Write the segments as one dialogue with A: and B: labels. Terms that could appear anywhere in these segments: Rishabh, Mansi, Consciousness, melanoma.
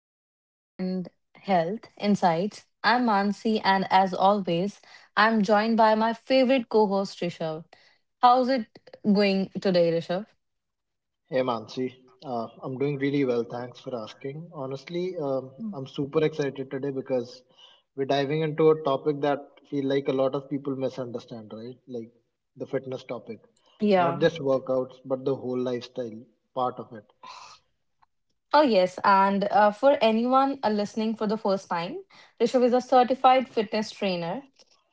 A: to Fitness and Health Insights. I'm Mansi, and as always, I'm joined by my favorite co host, Rishabh. How's it going today, Rishabh?
B: Hey Mansi, I'm doing really well. Thanks for asking. Honestly, I'm super excited today because we're diving into a topic that feel like a lot of people misunderstand, right? Like the fitness topic, not
A: Yeah.
B: just workouts, but the whole lifestyle part of it.
A: Oh, yes. And for anyone listening for the first time, Rishabh is a certified fitness trainer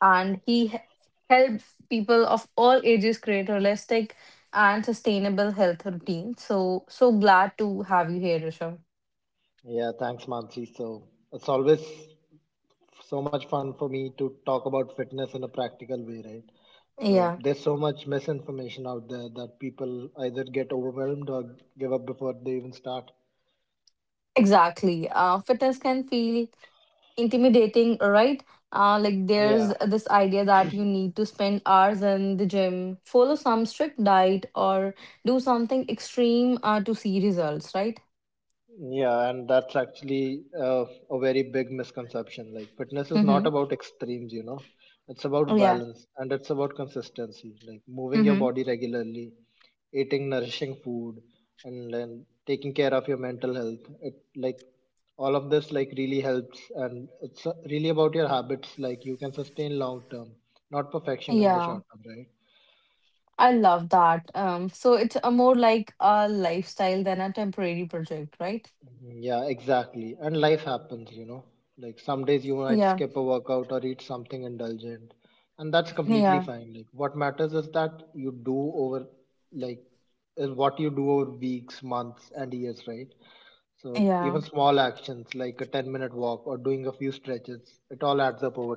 A: and helps people of all ages create realistic and sustainable health routines. So glad to have you here, Rishabh.
B: Yeah, thanks Mansi. So it's always so much fun for me to talk about fitness in a practical way, right? So
A: Yeah.
B: there's so much misinformation out there that people either get overwhelmed or give up before they even start.
A: Exactly. Fitness can feel intimidating, right? Like
B: Yeah,
A: there's this idea that you need to spend hours in the gym, follow some strict diet, or do something extreme to see results, right?
B: Yeah, and that's actually a very big misconception. Like, fitness is
A: Mm-hmm.
B: not about extremes, you know, it's about
A: Yeah.
B: balance and it's about consistency, like moving your
A: Mm-hmm.
B: body regularly, eating nourishing food, and then taking care of your mental health. It like all of this like really helps, and it's really about your habits. Like, you can sustain long term, not perfection in the
A: Yeah.
B: short term, right?
A: I love that. So it's a more like a lifestyle than a temporary project, right?
B: Yeah, exactly. And life happens, you know. Like some days you might
A: Yeah.
B: skip a workout or eat something indulgent, and that's completely
A: Yeah.
B: fine. Like what matters is that you do over, like, is what you do over weeks, months, and years, right? So
A: Yeah.
B: even small actions like a 10-minute walk or doing a few stretches, it all adds up over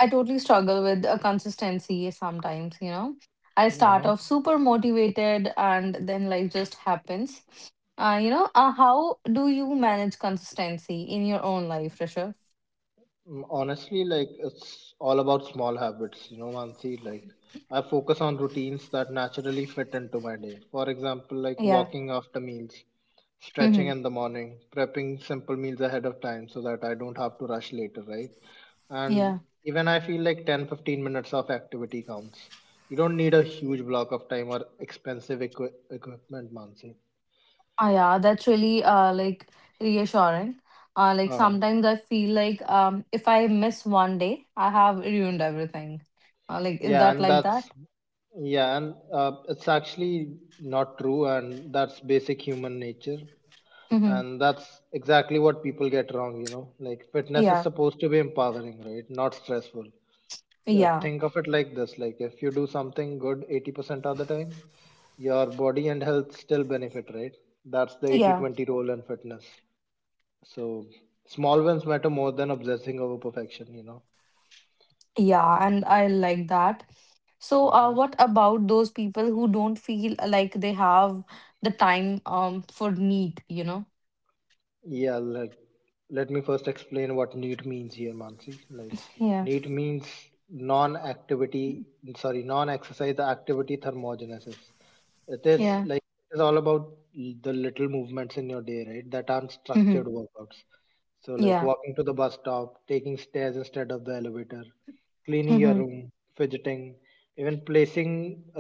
A: I totally struggle with consistency sometimes. I start
B: time.
A: off super motivated and then life just happens. How do you manage consistency in your own life, Rishabh?
B: Mm, honestly, like it's all about small habits, you know, Mansi. Like I focus on routines that naturally fit into my day. For example, like
A: Yeah.
B: walking after meals, stretching
A: Mm-hmm.
B: in the morning, prepping simple meals ahead of time so that I don't have to rush later, right? And
A: Yeah.
B: even I feel like ten, 15 minutes of activity counts. You don't need a huge block of time or expensive equipment, Mansi.
A: Oh, yeah, that's really like reassuring. Like
B: Uh-huh.
A: sometimes I feel like if I miss one day, I have ruined everything. Like is
B: Yeah,
A: that
B: and
A: like
B: that's
A: that?
B: yeah, and it's actually not true, and that's basic human nature,
A: Mm-hmm.
B: and that's exactly what people get wrong. You know, like fitness is
A: Yeah.
B: supposed to be empowering, right? Not stressful.
A: Yeah.
B: Think of it like this: like if you do something good 80% of the time, your body and health still benefit, right? That's the
A: Yeah.
B: 80-20 rule in fitness. So small wins matter more than obsessing over perfection. You know.
A: Yeah, and I like that. So,
B: Mhm.
A: what about those people who don't feel like they have the time for need, you know?
B: Yeah, like let me first explain what need means here, Mansi. Like
A: Yeah.
B: need means non-activity, non-exercise activity thermogenesis. It is
A: Yeah.
B: like it is all about the little movements in your day, right? That aren't
A: Mm-hmm.
B: structured workouts. So like
A: Yeah.
B: walking to the bus stop, taking stairs instead of the elevator, cleaning your
A: Mm-hmm.
B: room, fidgeting, even placing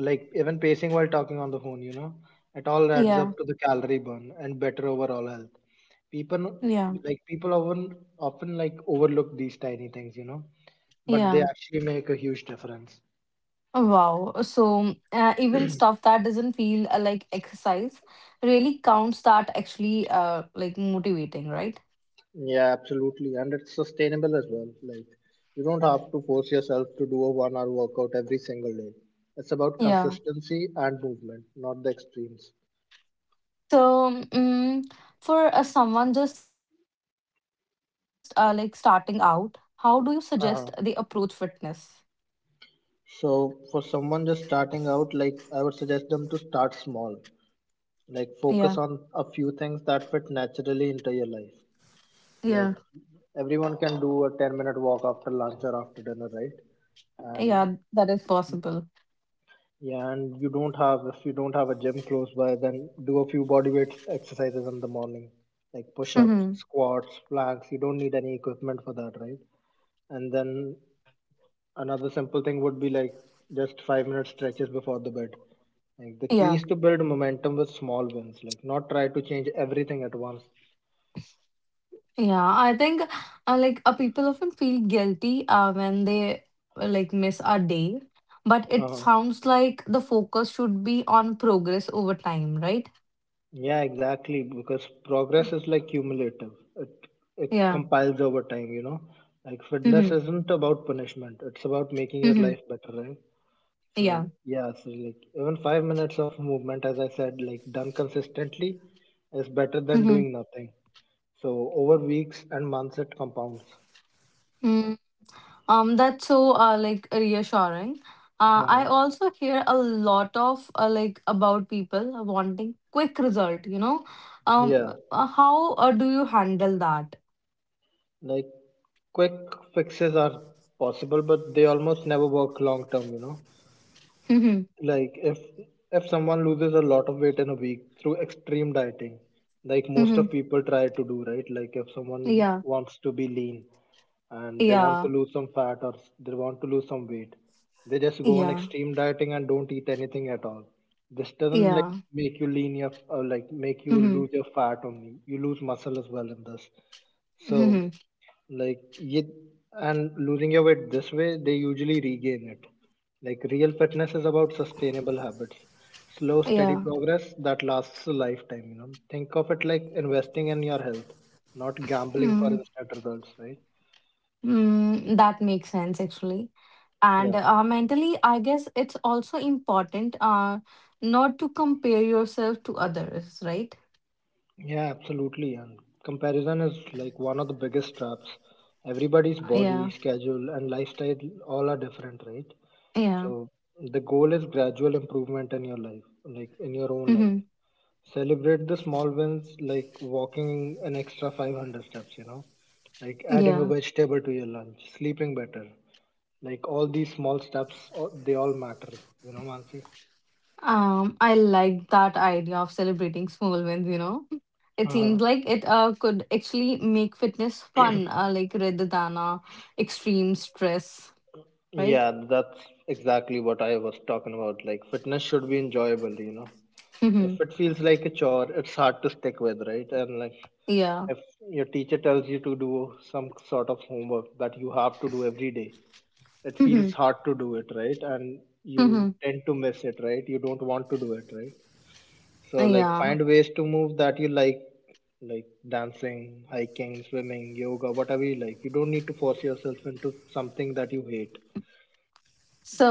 B: like even pacing while talking on the phone, you know, it all adds
A: Yeah.
B: up to the calorie burn and better overall health. people
A: Yeah.
B: People often like overlook these tiny things, you know, but they
A: Yeah.
B: actually make a huge difference.
A: Wow. So, even stuff that doesn't feel like exercise really counts that actually like motivating, right?
B: Yeah, absolutely. And it's sustainable as well. Like, you don't have to force yourself to do a 1 hour workout every single day. It's about
A: Yeah.
B: consistency and movement, not the extremes.
A: So, for someone just like starting out, how do you suggest they approach fitness?
B: Uh-huh. So, for someone just starting out, like, I would suggest them to start small. Like,
A: Yeah.
B: focus on a few things that fit naturally into your life. Like
A: Yeah.
B: everyone can do a 10-minute walk after lunch or after dinner, right?
A: Yeah,
B: And
A: that is possible.
B: yeah, and you don't have if you don't have a gym close by, then do a few body weight exercises in the morning, like push-ups,
A: Hmm.
B: squats, planks. You don't need any equipment for that, right? And then another simple thing would be like just 5 minute stretches before the bed. Like the key
A: Yeah,
B: is to build momentum with small wins, like not try to change everything at once.
A: yeah. I think like people often feel guilty when they like miss a day, but it sounds like the focus should be on progress over time, right?
B: Yeah, exactly. Because progress is like cumulative. It
A: Yeah.
B: compiles over time, you know. Like fitness
A: Mm-hmm.
B: isn't about punishment. It's about making your
A: Mm-hmm.
B: life better, right? So
A: Yeah.
B: yeah, so like even 5 minutes of movement, as I said, like done consistently is better than
A: Mm-hmm.
B: doing nothing. So over weeks and months it compounds.
A: Mm. That's so like reassuring. I
B: uh
A: also hear a lot of like about people wanting quick result.
B: Yeah.
A: How do you handle that?
B: Like quick fixes are possible, but they almost never work long term, you know. like if if someone loses a lot of weight in a week through extreme dieting, like most of
A: Mhm.
B: people try to do, right? Like if someone
A: Yeah.
B: wants to be lean and they want
A: Yeah.
B: to lose some fat they want to lose some weight, they just go on
A: Yeah.
B: extreme dieting and don't eat anything at all. This doesn't
A: Yeah.
B: make you lean your, or like make you
A: Mhm.
B: lose your fat only, you lose muscle as well in this. So
A: Mhm.
B: like, ye- and losing your weight this way, they usually regain it. Like real fitness is about sustainable habits, slow steady
A: Yeah.
B: progress that lasts a lifetime, you know. Think of it like investing in your health, not gambling for
A: Mm.
B: instant results, right?
A: Mm. That makes sense actually. And
B: Yeah,
A: mentally, I guess it's also important not to compare yourself to others, right?
B: yeah, absolutely. And comparison is like one of the biggest traps. Everybody's body,
A: Yeah.
B: schedule, and lifestyle all are different, right?
A: Yeah.
B: So the goal is gradual improvement in your life, like in your own
A: Mm-hmm.
B: life. Celebrate the small wins, like walking an extra 500 steps, you know, like adding a
A: Yeah.
B: vegetable to your lunch, sleeping better. Like all these small steps, they all matter, you know, Mansi.
A: I like that idea of celebrating small wins. It
B: Uh-huh.
A: seems like it could actually make fitness fun, like rather than extreme stress, right?
B: Yeah, that's exactly what I was talking about. Like, fitness should be enjoyable, you know. If it feels like a chore, it's hard to stick with, right? And like,
A: Yeah.
B: if your teacher tells you to do some sort of homework that you have to do every day, it feels
A: Hmm.
B: hard to do it, right? And you
A: Hmm.
B: tend to miss it, right? You don't want to do it, right? So, like,
A: Yeah.
B: find ways to move that you like dancing, hiking, swimming, yoga, whatever you like. You don't need to force yourself into something that you hate.
A: So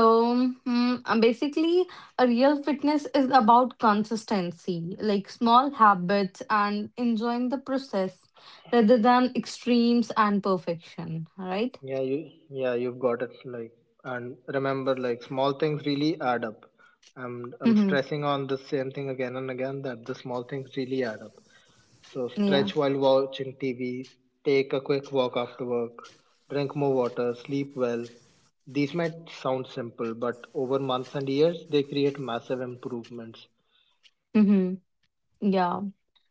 A: basically, a real fitness is about consistency, like small habits and enjoying the process rather than extremes and perfection, right?
B: Yeah, you've got it. Like, and remember, like small things really add up. I'm
A: Mm-hmm.
B: stressing on the same thing again and again that the small things really add up. So
A: Yeah.
B: stretch while watching TV, take a quick walk after work, drink more water, sleep well. These might sound simple, but over months and years, they create massive improvements.
A: Mm-hmm. Yeah.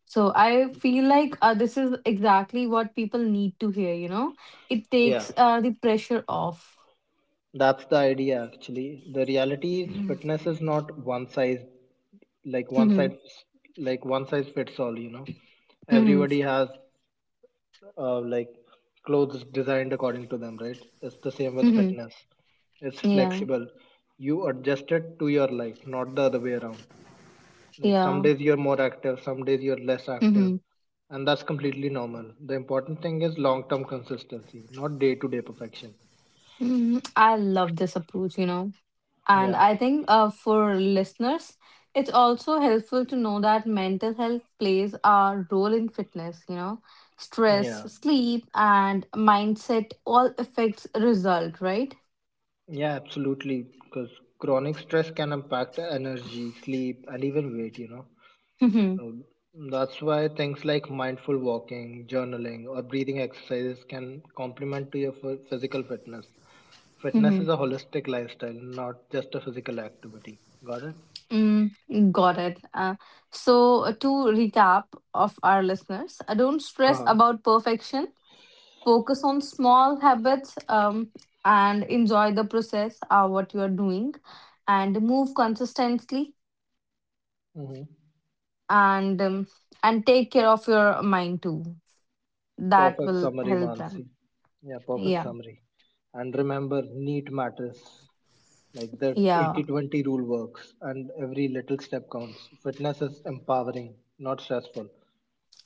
A: So I feel like this is exactly what people need to hear, you know? It
B: Yeah,
A: takes the pressure off.
B: that's the idea actually. The reality is,
A: Mm-hmm.
B: fitness is not like one
A: Mm-hmm.
B: size one size fits all, you know. Everybody has like clothes designed according to them, right? It's the same with
A: Mm-hmm.
B: fitness. It's
A: Yeah.
B: flexible. You adjust it to your life, not the other way around. Like some
A: Yeah.
B: days you're more active, some days you're less active,
A: Mm-hmm.
B: and that's completely normal. The important thing is long term consistency, not day to day perfection.
A: Mhm. I love this approach. And
B: yeah
A: I think for listeners, it's also helpful to know that mental health plays a role in fitness. Stress,
B: yeah
A: sleep, and mindset all affects result, right?
B: yeah, absolutely. Because chronic stress can impact energy, sleep, and even weight, you know.
A: Mhm.
B: Um, that's why things like mindful walking, journaling, or breathing exercises can complement to your physical fitness. Fitness
A: Mhm.
B: is a holistic lifestyle, not just a physical activity. Got it?
A: Got it. So, to recap of our listeners, don't stress
B: Uh-huh.
A: about perfection, focus on small habits, and enjoy the process of what you are doing and move consistently
B: Hmm.
A: and um, and take care of your mind too, that
B: Perfect
A: will
B: summary,
A: help them.
B: Mansi. Yeah, perfect
A: Yeah.
B: summary. And remember, neat matters. Like that
A: Yeah.
B: 80-20 rule works, and every little step counts. Fitness is empowering, not stressful.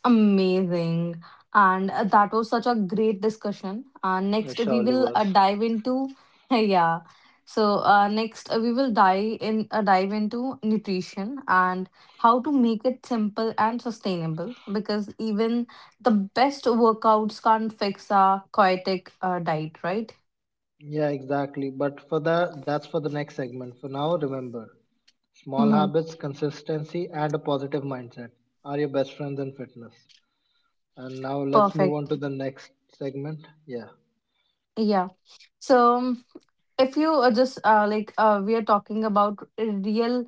A: Amazing. And that was such a great discussion.
B: It
A: Next, we
B: surely
A: will
B: was.
A: dive into yeah. So next, we will dive into nutrition and how to make it simple and sustainable. Because even the best workouts can't fix a chaotic diet, right?
B: Yeah, exactly. But for the That's for the next segment. For now, remember, small
A: Mm-hmm.
B: habits, consistency, and a positive mindset are your best friends in fitness. And now let's move on
A: Perfect.
B: to the next segment. Yeah.
A: Yeah. So. If you are just like we are talking about real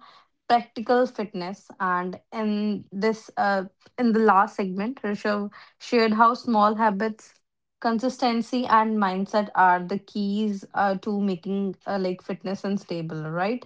A: practical fitness, and
B: Yeah.
A: in the last segment Rishav shared how small habits, consistency, and mindset are the keys to making like fitness and stable, right?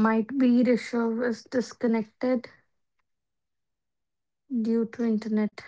A: Might be Rishav is disconnected due to internet.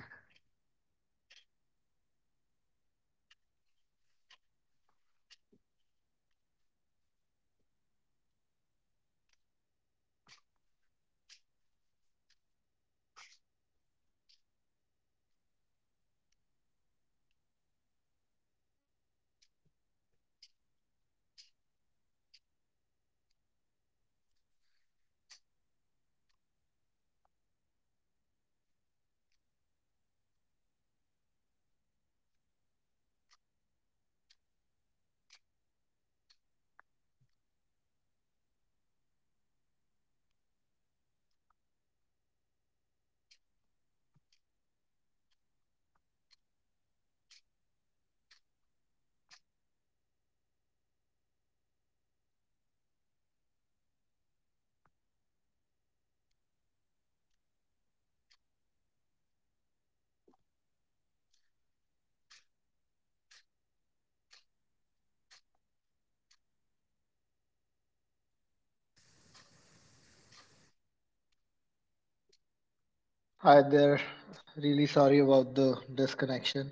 B: Hi there. Really sorry about the disconnection.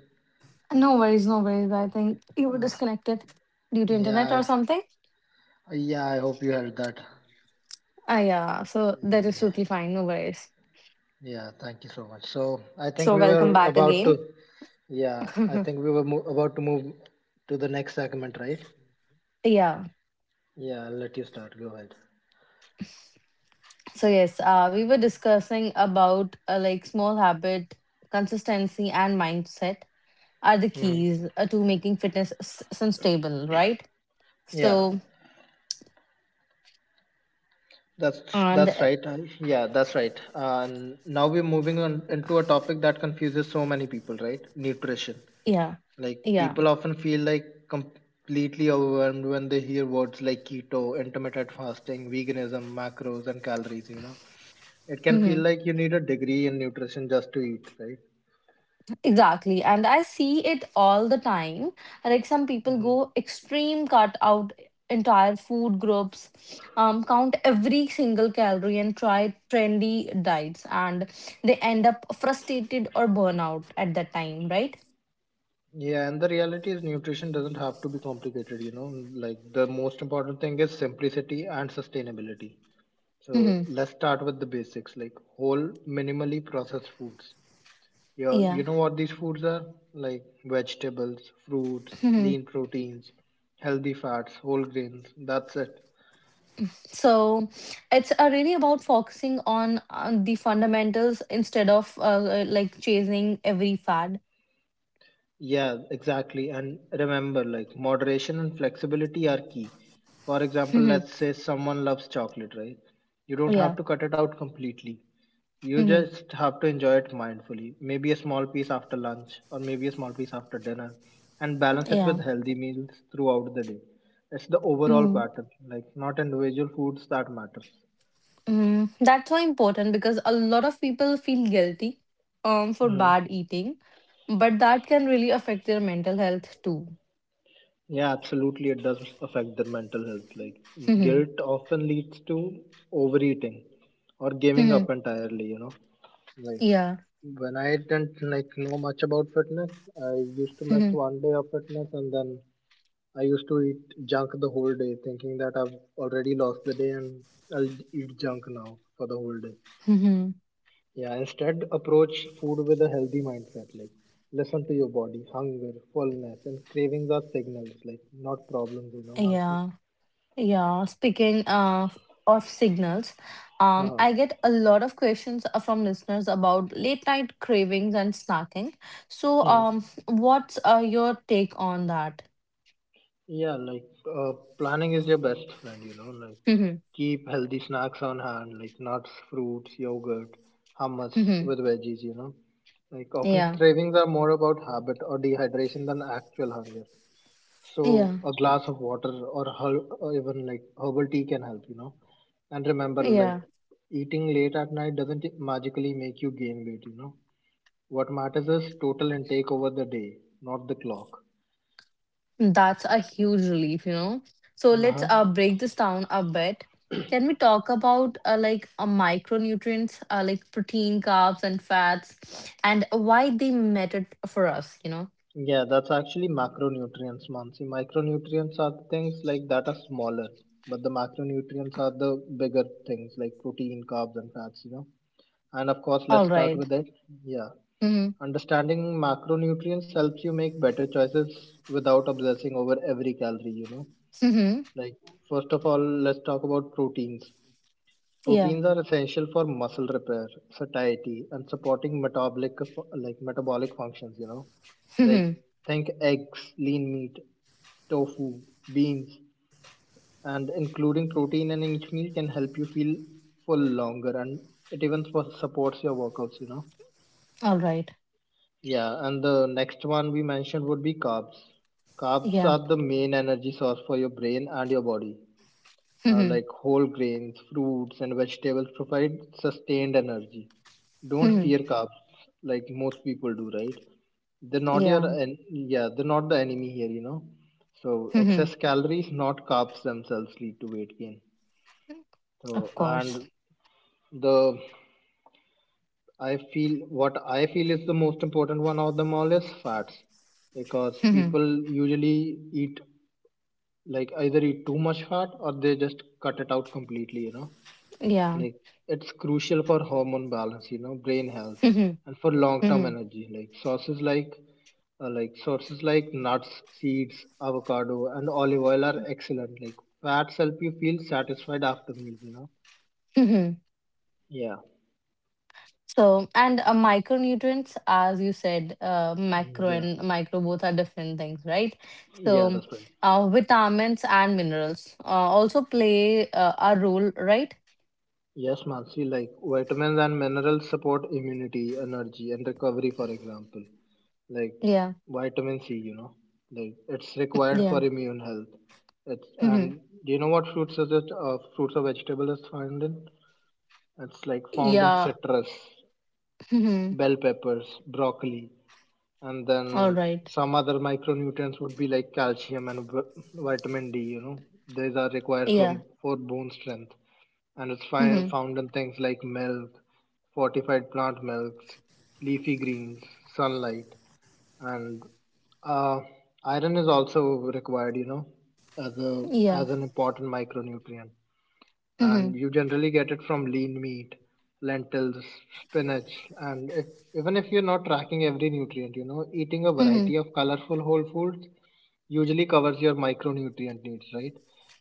A: No worries, no worries, I think you were
B: Uh,
A: disconnected due to internet or
B: yeah,
A: something.
B: yeah. I hope you heard that.
A: Yeah, so that is
B: Yeah,
A: totally fine. No worries.
B: yeah. Thank you so much. So I think
A: So
B: we
A: welcome
B: were
A: back
B: about to.
A: again.
B: Yeah, I think we were about to move to the next segment, right?
A: Yeah.
B: Yeah. I'll let you start. Go ahead.
A: So yes, we were discussing about like small habit, consistency, and mindset are the
B: Hmm.
A: keys to making fitness sustainable, right?
B: Yeah,
A: So
B: that's
A: and
B: that's right. And yeah, that's right. And now we're moving on into a topic that confuses so many people, right? Nutrition.
A: yeah,
B: Like
A: yeah.
B: people often feel like completely overwhelmed when they hear words like keto, intermittent fasting, veganism, macros, and calories. You know, it can feel like you need a degree in nutrition just to eat, right?
A: Exactly. And I see it all the time. Like some people
B: Hmm.
A: go extreme, cut out entire food groups, count every single calorie and try trendy diets, and they end up frustrated or burnout at that time, right?
B: Yeah, and the reality is nutrition doesn't have to be complicated, you know. Like the most important thing is simplicity and sustainability. So
A: Hmm.
B: let's start with the basics, like whole minimally processed foods. Yeah,
A: Yeah.
B: you know what these foods are? Like vegetables, fruits,
A: Hmm.
B: lean proteins, healthy fats, whole grains. That's it.
A: So it's really about focusing on the fundamentals instead of like chasing every fad.
B: Yeah, exactly. And remember, like moderation and flexibility are key. For example,
A: Hmm.
B: let's say someone loves chocolate, right? You don't have
A: Yeah.
B: to cut it out completely. You
A: Hmm.
B: just have to enjoy it mindfully. Maybe a small piece after lunch, or maybe a small piece after dinner, and balance it
A: Yeah.
B: with healthy meals throughout the day. It's the overall
A: Mm.
B: pattern, like not individual foods that matters.
A: Mm, that's so important because a lot of people feel guilty for bad eating, but that can really affect their mental health too.
B: Yeah, absolutely. It does affect their mental health. Like
A: Mhm.
B: guilt often leads to overeating or giving
A: Mhm.
B: up entirely, you know. Like
A: Yeah.
B: when I didn't like know much about fitness, I used to miss
A: Mhm.
B: one day of fitness and then I used to eat junk the whole day, thinking that I've already lost the day and I'll eat junk now for the whole day.
A: Mhm.
B: Yeah, instead approach food with a healthy mindset. Like listen to your body. Hunger, fullness, and cravings are signals, like not problems, you know, Mansi.
A: Yeah. Yeah. Speaking of signals,
B: Uh,
A: I get a lot of questions from listeners about late night cravings and snacking. So,
B: hmm.
A: what's your take on that?
B: Yeah, like uh, planning is your best friend, you know, like
A: Mhm.
B: keep healthy snacks on hand, like nuts, fruits, yogurt, hummus
A: Mhm.
B: with veggies, you know. Like often
A: Yeah.
B: cravings are more about habit or dehydration than actual hunger. So
A: Yeah.
B: a glass of water or even like herbal tea can help, you know. And remember, like
A: Yeah.
B: eating late at night doesn't magically make you gain weight, you know. What matters is total intake over the day, not the clock.
A: That's a huge relief. So let's
B: Uh-huh.
A: break this down a bit. Can we talk about like micronutrients, like protein, carbs, and fats, and why they matter for us?
B: Yeah, that's actually macronutrients, Mansi. Micronutrients are things like that are smaller, but the macronutrients are the bigger things like protein, carbs, and fats, you know. And of course, let's
A: All
B: start
A: right.
B: with it. Yeah.
A: Mm-hmm.
B: Understanding macronutrients helps you make better choices without obsessing over every calorie, you know.
A: Mm-hmm.
B: Like, first of all, let's talk about proteins.
A: Yeah.
B: Proteins are essential for muscle repair, satiety, and supporting metabolic functions, you know. Like
A: Mm-hmm.
B: think eggs, lean meat, tofu, beans, and including protein in each meal can help you feel full longer and it even supports your workouts, you know.
A: All right.
B: Yeah, and the next one we mentioned would be carbs. Carbs
A: Yeah.
B: are the main energy source for your brain and your body.
A: Mm-hmm.
B: Like whole grains, fruits, and vegetables provide sustained energy. Don't
A: Mm-hmm.
B: fear carbs like most people do, right? They're not
A: Yeah.
B: your yeah, they're not the enemy here, you know. So
A: Mm-hmm.
B: excess calories, not carbs themselves, lead to weight gain. So
A: Of course.
B: and the I feel is the most important one of them all is fats because
A: Mm-hmm.
B: people usually eat like either eat too much fat or they just cut it out completely, you know.
A: Yeah.
B: Like it's crucial for hormone balance, you know, brain health
A: Mm-hmm.
B: and for long-term
A: Mm-hmm.
B: energy. Like sources like nuts, seeds, avocado and olive oil are excellent. Like fats help you feel satisfied after meals, you know.
A: Mm-hmm.
B: Yeah.
A: So, and micronutrients, as you said, macro
B: Yeah.
A: and micro both are different things, right?
B: Yeah,
A: So,
B: that's right.
A: vitamins and minerals also play a role, right?
B: Yes, Mansi, like vitamins and minerals support immunity, energy, and recovery, for example. Like
A: Yeah,
B: vitamin C, you know, like it's required
A: yeah.
B: for immune health. It's
A: Hmm.
B: and do you know what fruits is it? Fruits or vegetables is found in? It's like found in
A: Yeah.
B: citrus,
A: Hmm.
B: bell peppers, broccoli and then
A: All right,
B: some other micronutrients would be like calcium and vitamin D. You know, these are required
A: yeah.
B: from for bone strength, and it's
A: Hmm.
B: found in things like milk, fortified plant milks, leafy greens, sunlight, and uh, iron is also required. You know, as a
A: Yeah.
B: as an important micronutrient and
A: Hmm.
B: you generally get it from lean meat, lentils, spinach, and if even if you're not tracking every nutrient, you know, eating a
A: Hmm.
B: variety of colorful whole foods usually covers your micronutrient needs, right?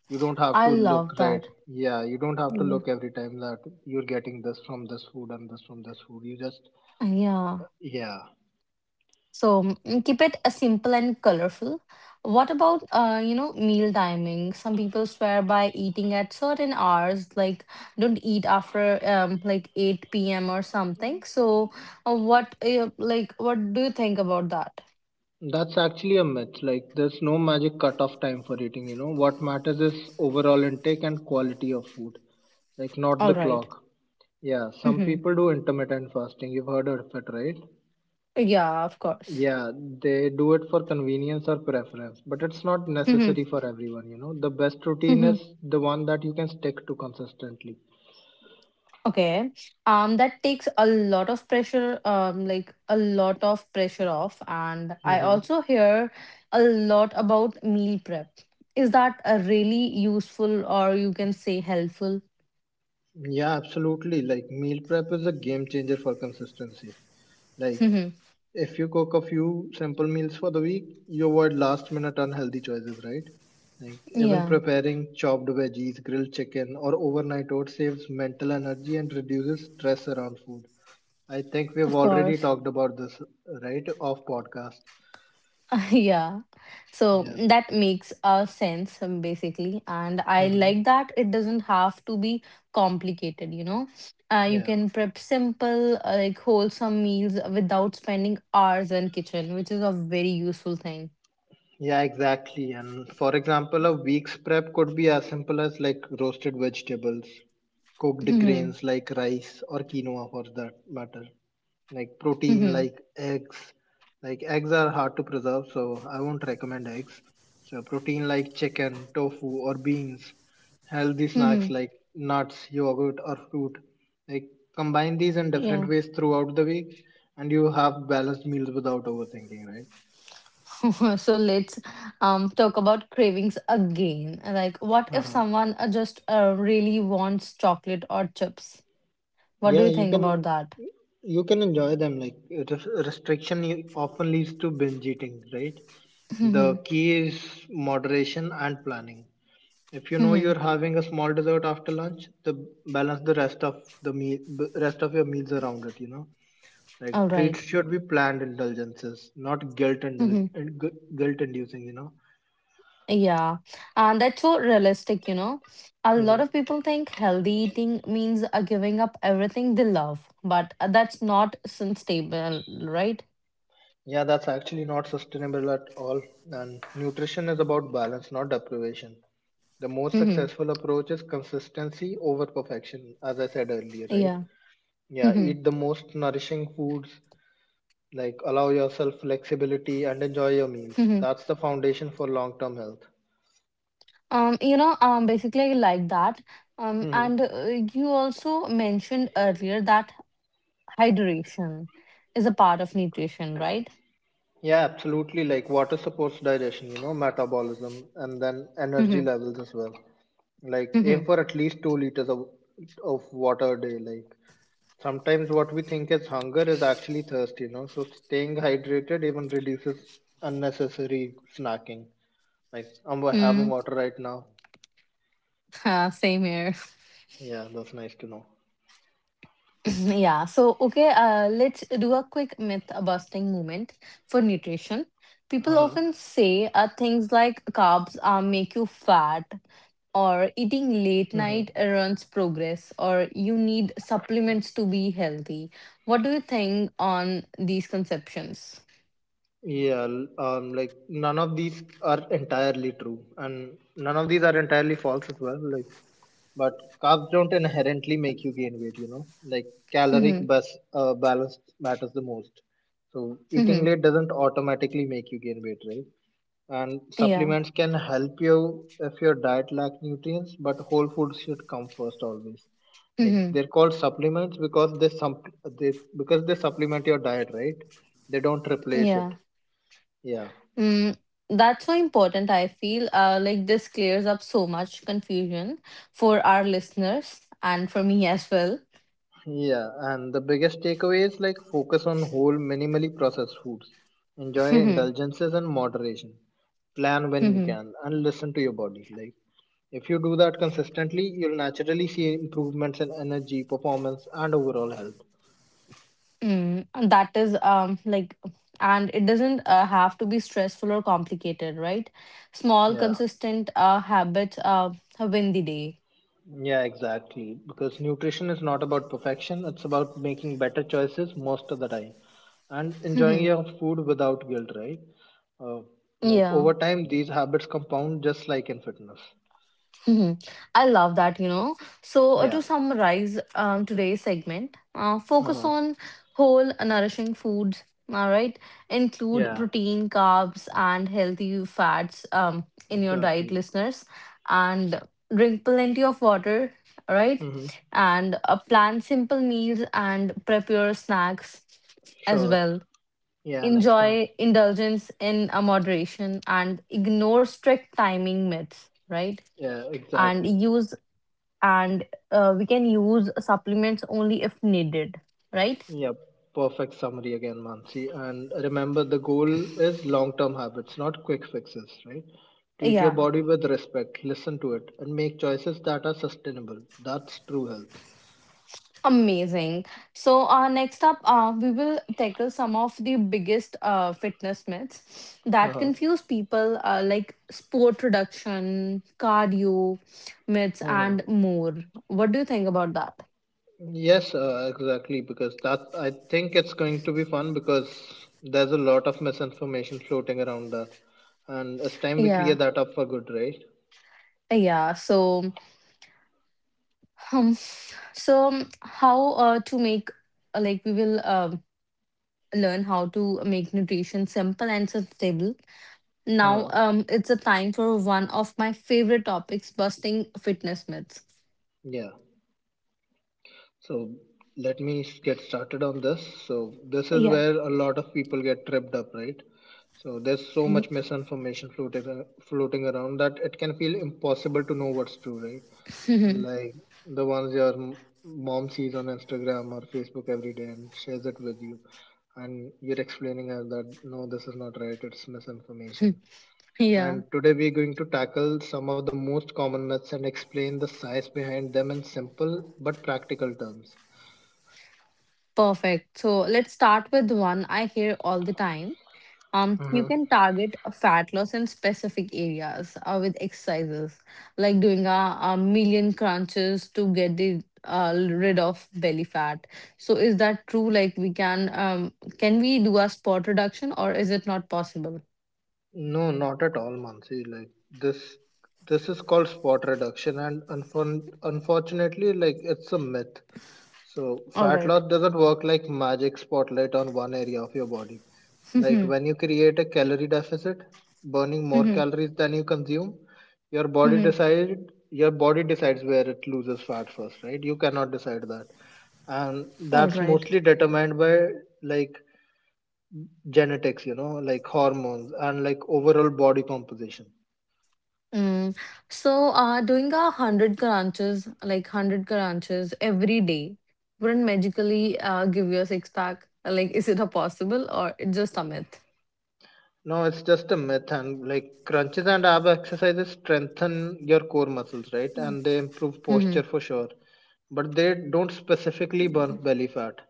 B: You don't have
A: I
B: to
A: love
B: look,
A: that.
B: right? Yeah, you don't have to
A: Yeah,
B: look every time that you're getting this from this food and this from this food, you just.
A: yeah.
B: Yeah,
A: So keep it simple and colorful. What about meal timing? Some people swear by eating at certain hours, like don't eat after like 8 p.m. or something. So what do you think about that?
B: that's actually a myth, like there's no magic cutoff time for eating, you know. What matters is overall intake and quality of food, like not the
A: All right.
B: clock. Yeah, some
A: Mm-hmm.
B: people do intermittent fasting. You've heard of it, right?
A: Yeah, of course.
B: Yeah, they do it for convenience or preference, but it's not
A: Mm-hmm.
B: necessary for everyone, you know. The best routine is the one that you can stick to consistently.
A: Okay. That takes a lot of pressure off. And I
B: Mm-hmm.
A: also hear a lot about meal prep. Is that a really useful or you can say helpful?
B: Yeah, absolutely. Like meal prep is a game changer for consistency. Like if you cook a few simple meals for the week, you avoid last minute unhealthy choices, right? Like even
A: Yeah,
B: preparing chopped veggies, grilled chicken, or overnight oats saves mental energy and reduces stress around food. I think we've
A: of
B: already
A: course.
B: talked about this, right? Off podcast.
A: Yeah, so
B: Yeah.
A: that makes a sense. Basically, and I
B: hmm
A: like that it doesn't have to be complicated. You
B: Yeah.
A: can prep simple, like wholesome meals without spending hours in kitchen, which is a very useful thing.
B: Yeah, exactly. And for example, a week's prep could be as simple as like roasted vegetables, cooked
A: Mhm,
B: grains like rice or quinoa for that matter, like protein
A: mhm,
B: like eggs, like eggs are hard to preserve, so I won't recommend eggs, so protein like chicken, tofu, or beans, healthy
A: mhm.
B: snacks like nuts, yogurt or fruit. Like combine these in different
A: Yeah.
B: ways throughout the week and you have balanced meals without overthinking, right?
A: So let's talk about cravings again. Like what if
B: uh
A: someone just really wants chocolate or chips, what do
B: yeah,
A: you
B: you
A: think
B: can,
A: about that?
B: you can enjoy them. Like restriction often leads to binge eating, right? The
A: Mhm,
B: key is moderation and planning. If you know
A: mhm.
B: you're having a small dessert after lunch, the balance the rest of the meal, rest of your meals around it. You know, like
A: All right.
B: treats should be planned indulgences, not
A: Mhm.
B: guilt inducing. You know.
A: Yeah, and that's so realistic. A
B: hmm
A: lot of people think healthy eating means giving up everything they love, but that's not sustainable, right?
B: Yeah, that's actually not sustainable at all. And nutrition is about balance, not deprivation. The most
A: Hmm.
B: successful approach is consistency over perfection, as I said earlier, right?
A: Yeah.
B: Yeah,
A: Hmm.
B: eat the most nourishing foods. Like allow yourself flexibility and enjoy your meals.
A: Hmm.
B: That's the foundation for long-term health.
A: Basically like that.
B: hmm
A: And you also mentioned earlier that hydration is a part of nutrition, right?
B: Yeah, absolutely. Like water supports digestion, you know, metabolism, and then energy
A: Hmm.
B: levels as well. Like
A: Hmm.
B: aim for at least 2 liters of water a day. Like sometimes what we think is hunger is actually thirst, you know. So staying hydrated even reduces unnecessary snacking. Like I'm having
A: Mm,
B: water right now.
A: same here.
B: Yeah, that's nice to know.
A: Yeah, so okay, let's do a quick myth busting moment for nutrition. People
B: Uh-huh.
A: often say things like carbs make you fat, or eating late night runs progress, or you need supplements to be healthy. What do you think on these conceptions?
B: Yeah, like none of these are entirely true, and none of these are entirely false as well. Like, but carbs don't inherently make you gain weight. You know, like caloric
A: Mhm,
B: balance matters the most. So eating
A: mhm,
B: late doesn't automatically make you gain weight, right? And
A: yeah,
B: supplements can help you if your diet lacks nutrients, but whole foods should come first always. Like
A: mhm,
B: they're called supplements because they supplement your diet, right? They don't replace it.
A: yeah.
B: Yeah.
A: Mm, that's so important. I feel like this clears up so much confusion for our listeners and for me as well.
B: Yeah, and the biggest takeaway is like focus on whole, minimally processed foods. Enjoy
A: Mhm.
B: indulgences and moderation. Plan when you
A: Mhm.
B: can and listen to your body. Like if you do that consistently, you'll naturally see improvements in energy, performance, and overall health.
A: Mm. That is like and it doesn't have to be stressful or complicated, right? Small
B: Yeah.
A: consistent habits win the day.
B: Yeah, exactly. Because nutrition is not about perfection, it's about making better choices most of the time and enjoying
A: Mhm.
B: your food without guilt, right? Uh, like
A: Yeah.
B: over time, these habits compound just like in fitness.
A: Hmm. I love that. So,
B: Yeah.
A: to summarize today's segment, focus
B: Uh,
A: on whole nourishing foods, all right? Include
B: yeah,
A: protein, carbs, and healthy fats, in your diet,
B: exactly.
A: listeners. And drink plenty of water, all right?
B: Mm-hmm.
A: And plan simple meals and prep your snacks as
B: Sure.
A: well.
B: Yeah, next one.
A: Enjoy indulgence in a moderation and ignore strict timing myths, right?
B: Yeah, exactly.
A: and use and we can use supplements only if needed, right?
B: Yeah, perfect summary again, Mansi. And remember, the goal is long term habits, not quick fixes, right? Treat your
A: Yeah.
B: body with respect, listen to it, and make choices that are sustainable. That's true health.
A: Amazing. So, next up, we will tackle some of the biggest fitness myths that
B: Uh-huh.
A: confuse people, like sport reduction, cardio myths,
B: Uh-huh.
A: and more. What do you think about that?
B: Yes, exactly. Because that I think it's going to be fun because there's a lot of misinformation floating around that, and it's time we clear
A: Yeah,
B: that up for good, right?
A: yeah. Um, how to make like we will learn how to make nutrition simple and sustainable. Now,
B: Uh,
A: it's a time for one of my favorite topics busting fitness myths.
B: yeah. So let me get started on this. So this is
A: Yeah.
B: where a lot of people get tripped up, right? So there's so much misinformation floating around that it can feel impossible to know what's true, right? Like the ones your mom sees on Instagram or Facebook every day and shares it with you, and you're explaining as that no, this is not right. It's misinformation.
A: Yeah,
B: And today we're going to tackle some of the most common myths and explain the science behind them in simple but practical terms.
A: perfect. So let's start with one I hear all the time. You
B: Mhm.
A: can target a fat loss in specific areas with exercises like doing a million crunches to get the rid of belly fat. So is that true? Like we can we do a spot reduction or is it not possible?
B: No, not at all, Mansi. This is called spot reduction, and unfortunately, like it's a myth. So
A: All
B: fat
A: right.
B: loss doesn't work like magic spotlight on one area of your body. Like when you create a calorie deficit, burning more calories than you consume, your body decides where it loses fat first, right? You cannot decide that. And
A: All
B: that's
A: right.
B: mostly determined by like genetics, you know, like hormones and like overall body composition.
A: Mm. Doing a hundred crunches, like hundred crunches every day, wouldn't magically give you a six pack. Like, is it a possible or it's just a myth?
B: No, it's just a myth and like crunches and ab exercises strengthen your core muscles, right? And they improve
A: Mm-hmm.
B: posture for sure, but they don't specifically burn belly fat.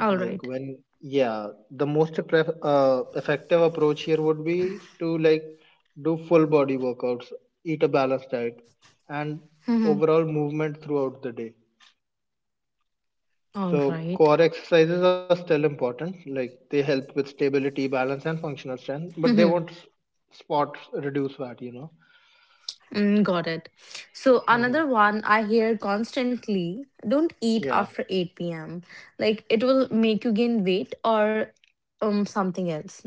A: All
B: Like
A: right.
B: when Yeah, the most effective approach here would be to like do full body workouts, eat a balanced diet, and
A: Mm-hmm.
B: overall movement throughout the day.
A: All
B: So
A: right.
B: core exercises are still important, like they help with stability, balance, and functional strength, but they
A: Mm-hmm.
B: won't spot reduce fat, you know.
A: Mm, got it. So
B: hmm
A: another one I hear constantly: don't eat
B: yeah.
A: after eight p.m. Like it will make you gain weight or something else.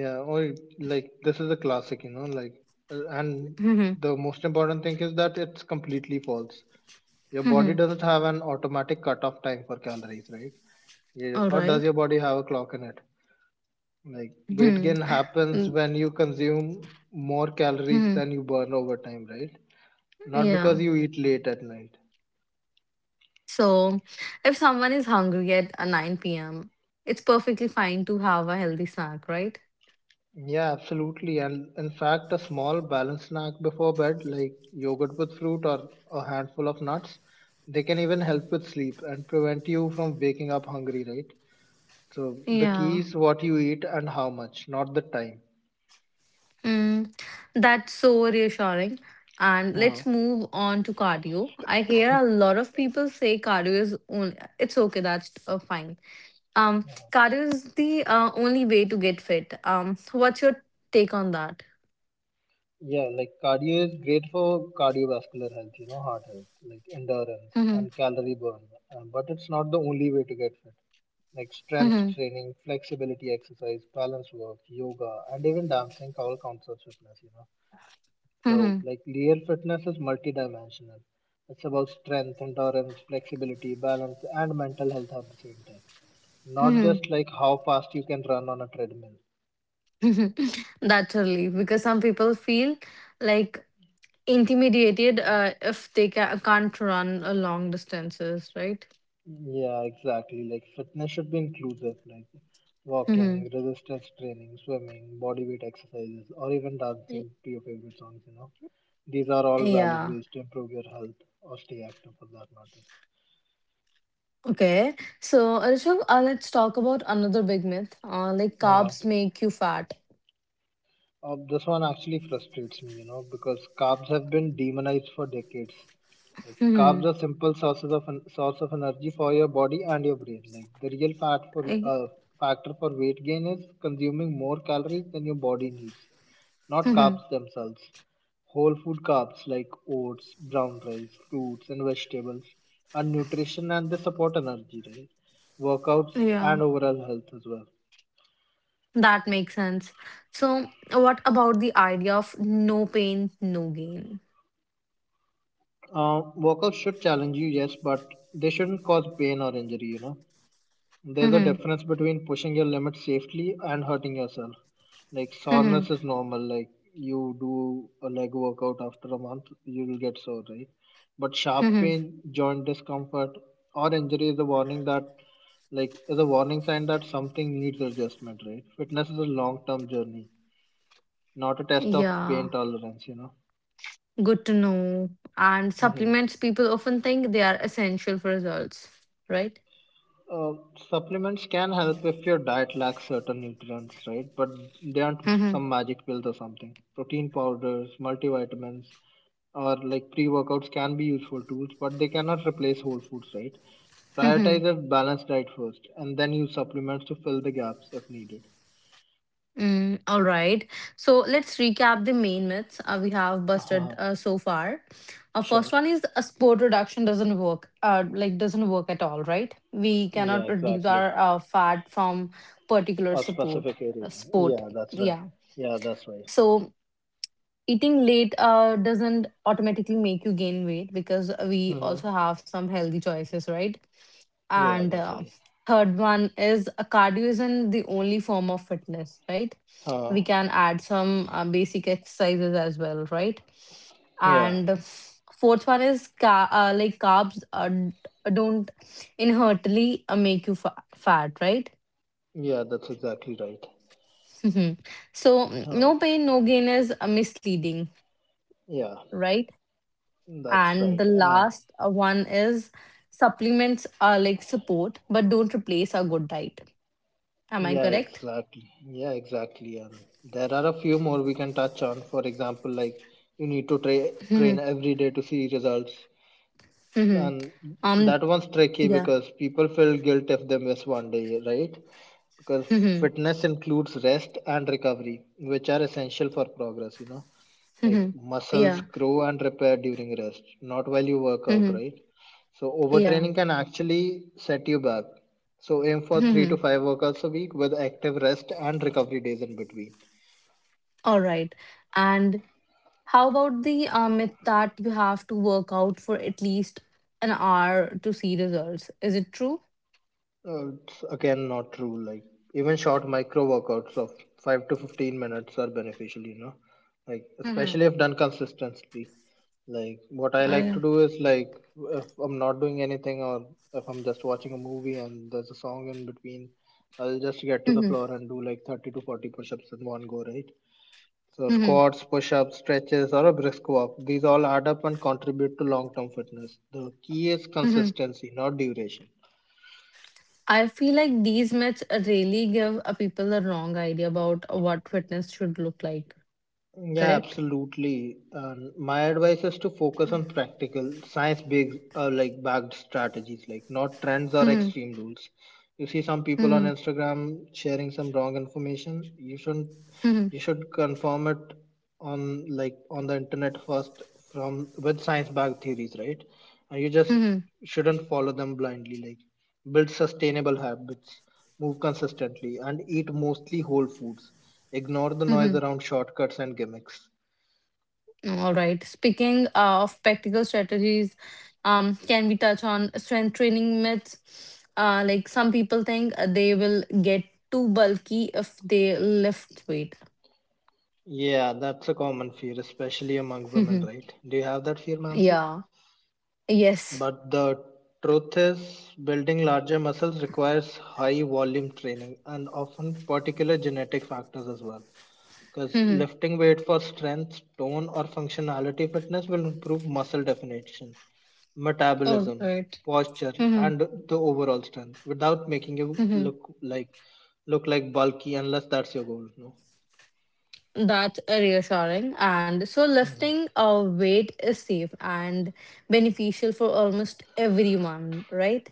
B: yeah or Like this is a classic, you know, like and
A: Mm-hmm.
B: the most important thing is that it's completely false. Your body
A: Mm-hmm.
B: doesn't have an automatic cutoff time for calories, right? Yeah.
A: All
B: Or does
A: right.
B: your body have a clock in it? Like weight gain
A: Mm-hmm.
B: happens when you consume more calories
A: Mm-hmm.
B: than you burn over time, right? Not because
A: Yeah.
B: you eat late at night.
A: So if someone is hungry at 9 p.m., it's perfectly fine to have a healthy snack, right?
B: Yeah, absolutely. And in fact, a small balanced snack before bed, like yogurt with fruit or a handful of nuts, they can even help with sleep and prevent you from waking up hungry, right? So the key
A: Yeah.
B: is what you eat and how much, not the time.
A: Mm. That's so reassuring. And
B: Uh,
A: let's move on to cardio. I hear a lot of people say cardio is only, it's okay, that's fine. Um, Cardio is the only way to get fit. What's your take on that?
B: Yeah, like cardio is great for cardiovascular health, you know, heart health, like endurance
A: Mhm,
B: and calorie burn. But it's not the only way to get fit. Like strength
A: mhm,
B: training, flexibility exercise, balance work, yoga, and even dancing all counts as fitness, you know. So,
A: mhm,
B: like real fitness is multidimensional. It's about strength, endurance, flexibility, balance, and mental health at the same time. Not
A: mhm,
B: just like how fast you can run on a treadmill.
A: mhm. That's a relief because some people feel like intimidated if they can't run a long distances, right?
B: Yeah, exactly. Like fitness should be inclusive, like walking,
A: Hmm.
B: resistance training, swimming, body weight exercises, or even dancing to your favorite songs, you know. These are all valid
A: Yeah.
B: ways to improve your health or stay active for that matter.
A: Okay. So, Rishabh, let's talk about another big myth. Like
B: Uh,
A: carbs make you fat.
B: this one actually frustrates me, you know, because carbs have been demonized for decades. Like carbs
A: Hmm.
B: are simple source of energy for your body and your brain. Like the real fat for
A: I,
B: factor for weight gain is consuming more calories than your body needs, not
A: hmm.
B: carbs themselves. Whole food carbs like oats, brown rice, fruits, and vegetables are nutrition and they support energy, right? Workouts
A: Yeah,
B: and overall health as well.
A: that makes sense. So, what about the idea of no pain, no gain?
B: Workouts should challenge you, yes, but they shouldn't cause pain or injury, you know. There's a
A: Hmm.
B: difference between pushing your limits safely and hurting yourself. Like
A: Hmm.
B: soreness is normal. Like you do a leg workout after a month, you'll get sore, right? But sharp
A: Hmm.
B: pain, joint discomfort, or injury is a warning sign that something needs adjustment, right? Fitness is a long-term journey, not a test of
A: Yeah,
B: pain tolerance, you
A: good to know. And
B: know.
A: supplements, people often think they are essential for results, right?
B: Uh, Supplements can help if your diet lacks certain nutrients, right? But they aren't some magic pills or something. Protein powders, multivitamins, or like pre workouts can be useful tools, but they cannot replace whole foods, right?
A: Mm-hmm.
B: Prioritize a balanced diet first and then use supplements to fill the gaps if needed.
A: Mm, all right. So let's recap the main myths we have busted
B: Uh-huh.
A: so far. First
B: Sure.
A: one is a sport reduction doesn't work, like doesn't work at all, right? We
B: Yeah,
A: cannot reduce
B: exactly.
A: our fat from particular
B: Or
A: support
B: specific area.
A: sport.
B: Yeah, that's right.
A: Yeah.
B: Yeah, that's right.
A: So, eating late doesn't automatically make you gain weight because we
B: Mm-hmm.
A: also have some healthy choices, right?
B: Yeah,
A: And
B: that's right.
A: third one is cardio isn't the only form of fitness, right?
B: Uh,
A: We can add some basic exercises as well, right?
B: yeah,
A: And the fourth one is like carbs don't inherently make you fat, right?
B: yeah, that's exactly right.
A: Mhm. So
B: Huh.
A: no pain no gain is misleading,
B: Yeah.
A: right?
B: That's
A: And
B: right.
A: the last one is supplements are like support but don't replace a good diet. Am I
B: Yeah,
A: correct?
B: exactly. Yeah, exactly. And there are a few more we can touch on. For example, like you need to
A: Mhm,
B: train every day to see results.
A: mhm.
B: And
A: um
B: that one's tricky
A: yeah.
B: because people feel guilt if they miss one day, right? Because
A: Mhm,
B: fitness includes rest and recovery, which are essential for progress, you know. Like
A: mhm.
B: muscles
A: Yeah.
B: grow and repair during rest, not while you work out,
A: Mhm,
B: right? So
A: yeah.
B: overtraining can actually set you back. So aim for three to
A: Mhm.
B: five workouts a week with active rest and recovery days in between.
A: All right. And how about the myth that you have to work out for at least an hour to see results, is it true?
B: It's again not true. Like even short micro workouts of 5 to 15 minutes are beneficial. You know, like
A: Mm-hmm.
B: especially if done consistently. Like what I
A: Oh,
B: like to
A: yeah.
B: do is like, if I'm not doing anything or if I'm just watching a movie and there's a song in between, I'll just get to the
A: Mhm,
B: floor and do like 30 to 40 push-ups in one go. Right. So
A: mhm,
B: squats, push-ups, stretches, or a brisk walk. These all add up and contribute to long-term fitness. The key is
A: mhm.
B: consistency, not duration.
A: I feel like these myths really give people a wrong idea about what fitness should look like,
B: Yeah,
A: correct?
B: absolutely. My advice is to focus on practical, science-based, like backed strategies, like not trends or
A: Mhm,
B: extreme rules. You see some people on
A: mhm,
B: Instagram sharing some wrong information. You shouldn't.
A: mhm,
B: You should confirm it on, like, on the internet first, from with science-backed theories, right? And you just
A: mhm,
B: shouldn't follow them blindly. Like build sustainable habits. Move consistently and eat mostly whole foods. Ignore the noise
A: mhm.
B: around shortcuts and gimmicks.
A: All right. Speaking of practical strategies, can we touch on strength training myths? Like some people think they will get too bulky if they lift weight.
B: Yeah, that's a common fear, especially among women,
A: Mhm.
B: right? Do you have that fear, Mansi?
A: Yeah. Yes.
B: But the truth is, building larger muscles requires high volume training and often particular genetic factors as well. Because
A: Mhm.
B: lifting weight for strength, tone, or functionality fitness will improve muscle definition,
A: All
B: metabolism,
A: right.
B: posture, and the overall strength without making you look like bulky unless that's your goal. No.
A: That's reassuring. And so lifting a weight is safe and beneficial for almost everyone, right?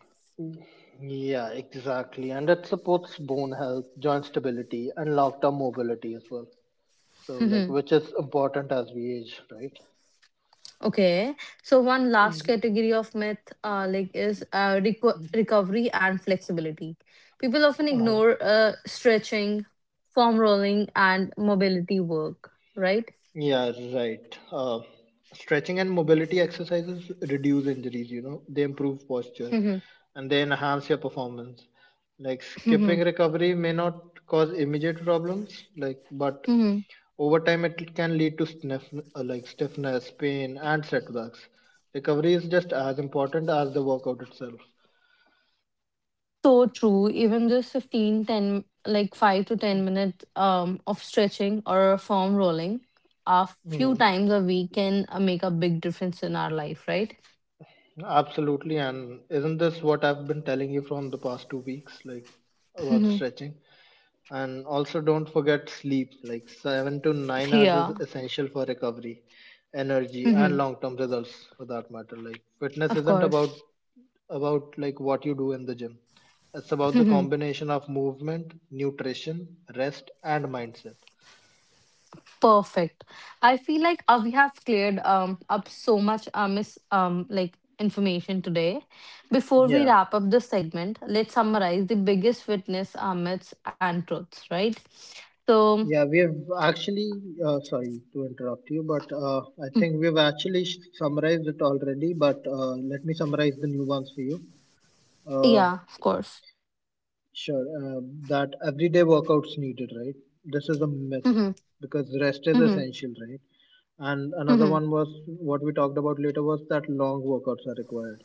B: Yeah, exactly. And it supports bone health, joint stability, and long term mobility as well. So, like,
A: Hmm.
B: which is important as we age, right?
A: Okay. So one last category of myth, recovery and flexibility. People often
B: Uh-huh.
A: ignore stretching, foam rolling, and mobility work, right?
B: Yeah, right. Stretching and mobility exercises reduce injuries, you know, they improve posture
A: Hmm.
B: and they enhance your performance. Like skipping
A: Hmm.
B: recovery may not cause immediate problems, like, but
A: Hmm.
B: over time it can lead to stiffness, pain, and setbacks. Recovery is just as important as the workout itself.
A: So true. Even just 15, 10, like 5 to 10 minutes of stretching or foam rolling a few
B: Hmm.
A: times a week can make a big difference in our life, right?
B: Absolutely, and isn't this what I've been telling you from the past 2 weeks, like about
A: Mhm.
B: stretching? And also don't forget sleep, like 7 to 9 hours is
A: Yeah.
B: essential for recovery, energy, and
A: Mhm.
B: long term results, for that matter. Like fitness
A: Of
B: isn't
A: course.
B: about like what you do in the gym, it's about the
A: Mhm.
B: combination of movement, nutrition, rest, and mindset.
A: Perfect. I feel like we have cleared up so much mis like information today. Before we
B: Yeah,
A: wrap up this segment, let's summarize the biggest fitness myths, and truths, right? So,
B: yeah, sorry to interrupt you, but I
A: mm,
B: think we've actually summarized it already. But let me summarize the new ones for you. Uh,
A: yeah, of course.
B: Sure, uh, that everyday workouts needed, right? This is a myth
A: Mm-hmm.
B: because rest is
A: Mm-hmm.
B: essential, right? And another
A: Mm-hmm.
B: one was what we talked about later was that long workouts are required.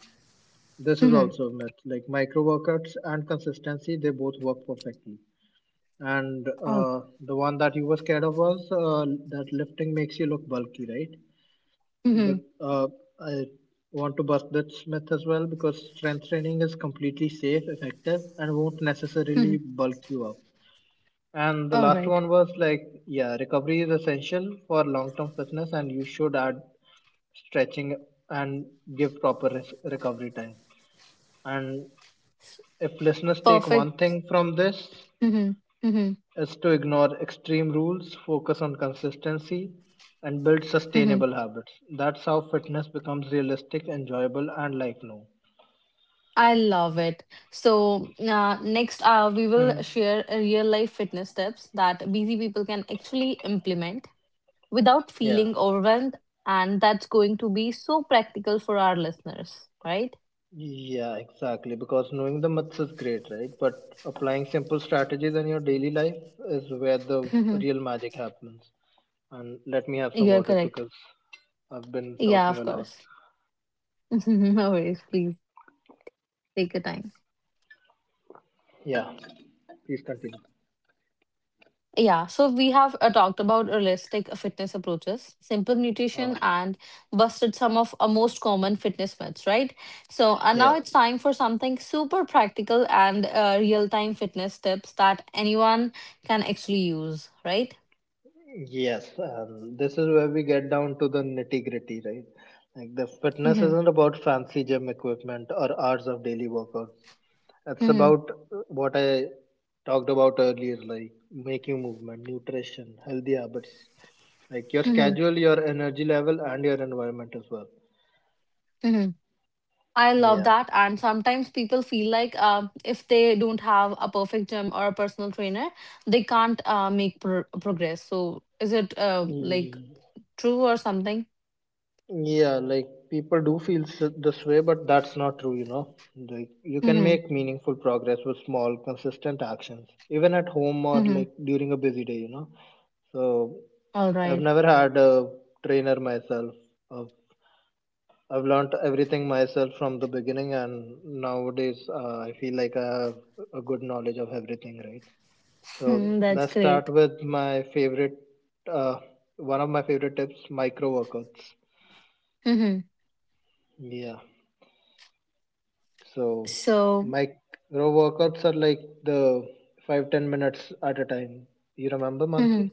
B: This is
A: Mm-hmm.
B: also a myth. Like micro workouts and consistency, they both work perfectly. And
A: All right.
B: the one that you were scared of was that lifting makes you look bulky, right? But
A: Mm-hmm.
B: I want to bust this myth as well because strength training is completely safe, effective, and won't
A: Mm-hmm.
B: necessarily bulk you up. And the
A: All
B: last
A: right.
B: one was like, yeah, recovery is essential for long term fitness, and you should add stretching and give proper recovery time. And if listeners take one
A: Perfect.
B: thing from this,
A: Mm-hmm. Mm-hmm.
B: is to ignore extreme rules, focus on consistency, and build
A: Mm-hmm.
B: sustainable habits. That's how fitness becomes realistic, enjoyable, and lifelong.
A: I love it. So next, we will
B: Mhm.
A: share real life fitness tips that busy people can actually implement without
B: Yeah.
A: feeling overwhelmed, and that's going to be so practical for our listeners, right?
B: Yeah, exactly. Because knowing the maths is great, right? But applying simple strategies in your daily life is where the
A: Mm-hmm.
B: real magic happens. And let me have some
A: You're
B: water
A: correct.
B: because I've been
A: Yeah,
B: talking
A: of
B: a lot.
A: course. No worries. Please take your time.
B: Yeah, please continue.
A: Yeah, so we have talked about realistic fitness approaches, simple nutrition,
B: Uh,
A: and busted some of our most common fitness myths, right? So, and now
B: yeah,
A: it's time for something super practical and real time fitness tips that anyone can actually use, right?
B: yes. And this is where we get down to the nitty gritty, right? Like the fitness
A: Mhm,
B: isn't about fancy gym equipment or hours of daily workouts. It's
A: mhm,
B: about what I talked about earlier, like making movement, nutrition, healthy habits, like your
A: mhm,
B: schedule, your energy level, and your environment as well.
A: mhm. I love
B: Yeah.
A: that. And sometimes people feel like if they don't have a perfect gym or a personal trainer, they can't progress. So, is it like
B: Y-
A: true or something?
B: yeah, like people do feel this way, but that's not true, you know. Like you can
A: Mhm.
B: make meaningful progress with small consistent actions, even at home or
A: Mhm.
B: like during a busy day, you know. So
A: All
B: I've
A: right.
B: never had a trainer myself. Uh, I've learned everything myself from the beginning, and nowadays I feel like I have a good knowledge of everything, right? So
A: Hmm, that's
B: let's start
A: great.
B: with uh, one of my favorite tips, micro workouts.
A: Mhm.
B: Yeah. So
A: So,
B: micro workouts are like the 5-10 minutes at a time. You remember,
A: mhm.
B: Mansi?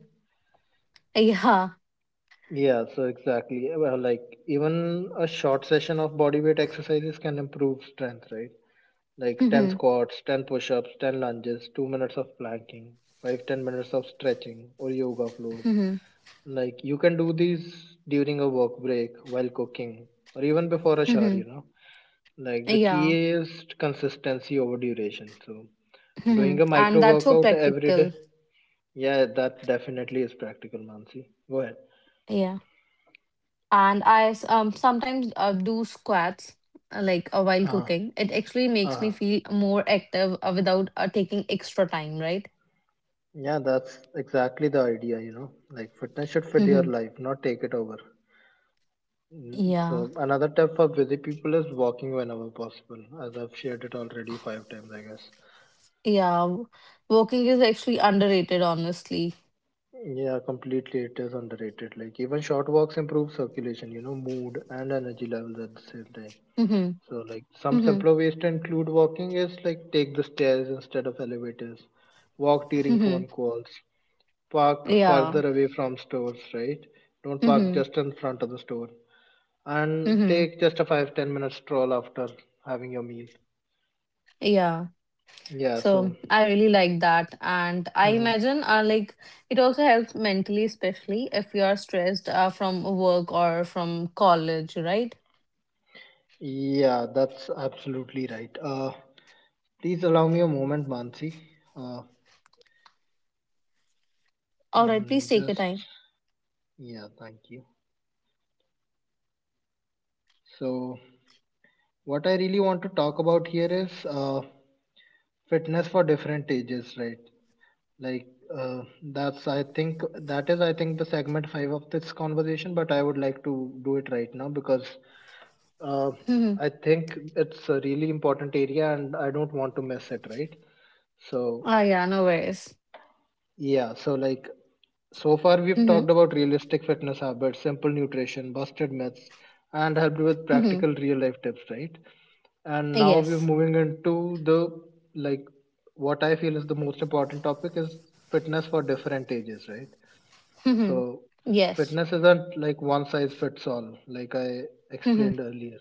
A: Yeah.
B: Yeah. So exactly. Well, like even a short session of bodyweight exercises can improve strength, right? Like 10
A: Mhm.
B: squats, 10 push-ups, 10 lunges, 2 minutes of planking, 5-10 minutes of stretching or yoga flows.
A: Mhm.
B: Like you can do these during a work break, while cooking, or even before a shower, you
A: Mhm.
B: know. Like the key
A: Yeah.
B: is consistency over duration. So doing
A: Mhm.
B: a
A: And
B: micro
A: that's so
B: workout every
A: practical.
B: day. Yeah, that definitely is practical, Mansi. Go ahead.
A: Yeah. And sometimes do squats while
B: Uh-huh.
A: cooking. It actually makes me
B: Uh-huh.
A: feel more active without taking extra time, right?
B: Yeah, that's exactly the idea, you know. Like fitness should fit your
A: Mhm.
B: life, not take it over.
A: Yeah.
B: So another tip for busy people is walking whenever possible, as I've shared it already 5 times, I guess.
A: Yeah. w- Walking is actually underrated, honestly.
B: Yeah, completely. It is underrated. Like even short walks improve circulation, you know, mood, and energy levels at the same time.
A: Mhm.
B: So like some
A: Mhm.
B: simpler ways to include walking is like take the stairs instead of elevators, walk during
A: Mhm.
B: phone calls, park
A: Yeah.
B: further away from stores, right? Don't park
A: Mhm.
B: just in front of the store. And
A: Mhm.
B: take just a 5-10 minute stroll after having your meal.
A: Yeah.
B: Yeah,
A: So
B: so
A: I really like that, and I
B: hmm
A: imagine like it also helps mentally, especially if you are stressed from work or from college, right?
B: yeah, that's absolutely right. Please allow me a moment, Mansi. Uh,
A: All right, please take your time.
B: Just, yeah, thank you. So, what I really want to talk about here is fitness for different ages, right? Like uh, that's I think that is I think the segment 5 of this conversation, but I would like to do it right now because uh,
A: Mm-hmm.
B: I think it's a really important area, and I don't want to miss it, right? So
A: Ah, yeah, no worries.
B: yeah, so like, so far we've talked
A: Mm-hmm.
B: about realistic fitness habits, simple nutrition, busted myths, and helped with
A: Mm-hmm.
B: practical real life tips, right? And now we're
A: Yes.
B: moving into the, like, what I feel is the most important topic is fitness for different ages, right?
A: Mm-hmm.
B: So
A: Yes.
B: fitness isn't like one size fits all, like I
A: Mm-hmm.
B: explained earlier.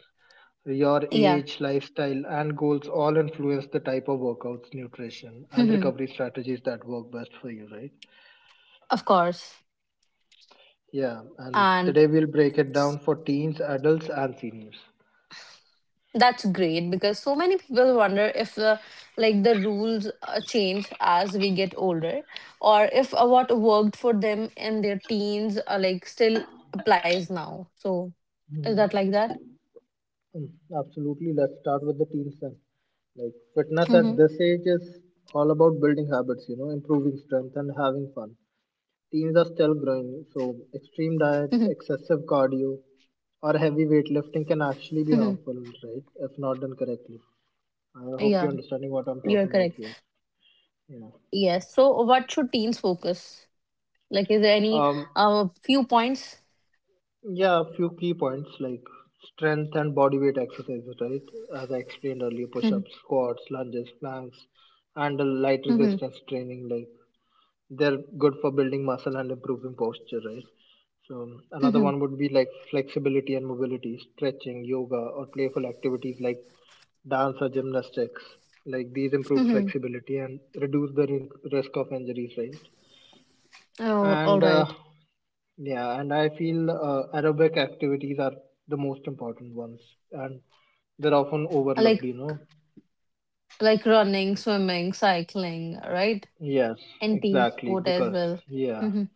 B: Your
A: Yeah.
B: age, lifestyle, and goals all influence the type of workouts, nutrition, and
A: Mm-hmm.
B: recovery strategies that work best for you, right?
A: Of course.
B: Yeah, and
A: And
B: today we'll break it down for teens, adults, and seniors.
A: that's great because so many people wonder if like the rules change as we get older, or if what worked for them in their teens like still applies now. So is that
B: Mhm.
A: like that?
B: Mm, Absolutely. Let's start with the teens then. Like fitness at
A: Mhm.
B: this age is all about building habits, you know, improving strength and having fun. Teens are still
A: Mhm.
B: growing, so extreme diets, excessive cardio, or heavy
A: Mhm.
B: weightlifting can actually be harmful, right? If not done correctly.
A: Yeah,
B: I hope you're
A: you're
B: understanding what
A: correct.
B: I'm talking about here. Yeah.
A: Yes. So what should teens focus? Like is there any
B: Um,
A: few points?
B: Yeah, a few key points like strength and body weight exercises, right? As I explained earlier, push
A: Mhm.
B: ups, squats, lunges, planks, and the light
A: Mhm.
B: resistance training, like they're good for building muscle and improving posture, right? So, another
A: Mhm.
B: one would be like flexibility and mobility, stretching, yoga, or playful activities like dance or gymnastics. Like these improve
A: Mhm.
B: flexibility and reduce the risk of injuries, right?
A: Oh,
B: and
A: all
B: uh,
A: right.
B: yeah, and I feel aerobic activities are the most important ones, and they're often overlooked,
A: Like
B: you know.
A: like running, swimming, cycling, right?
B: Yes,
A: And team
B: exactly,
A: sport as
B: because
A: well.
B: yeah,
A: Mhm.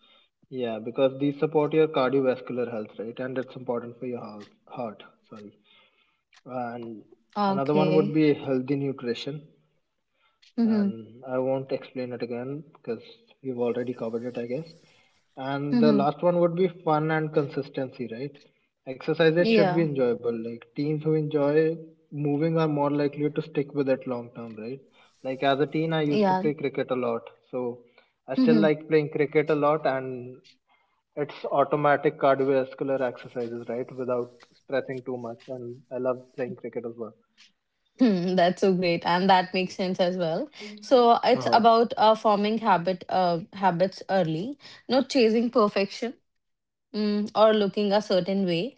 B: yeah, because these support your cardiovascular health, right? And it's important for your health, heart, sorry, and another one
A: Okay.
B: would be healthy nutrition,
A: Mhm.
B: and I won't explain it again because we've already covered it, I guess. And the
A: Mhm.
B: last one would be fun and consistency, right? Exercises should be
A: Yeah.
B: enjoyable. Like teens who enjoy moving are more likely to stick with it long term, right? Like as a teen, I used to
A: Yeah.
B: play cricket a lot, so I still
A: Mhm.
B: like playing cricket a lot, and it's automatic cardiovascular exercises, right? Without stressing too much, and I love playing cricket as well.
A: Hmm, that's so great, and that makes sense as well. So it's
B: Uh-huh.
A: about forming habit habits early, not chasing perfection or looking a certain way.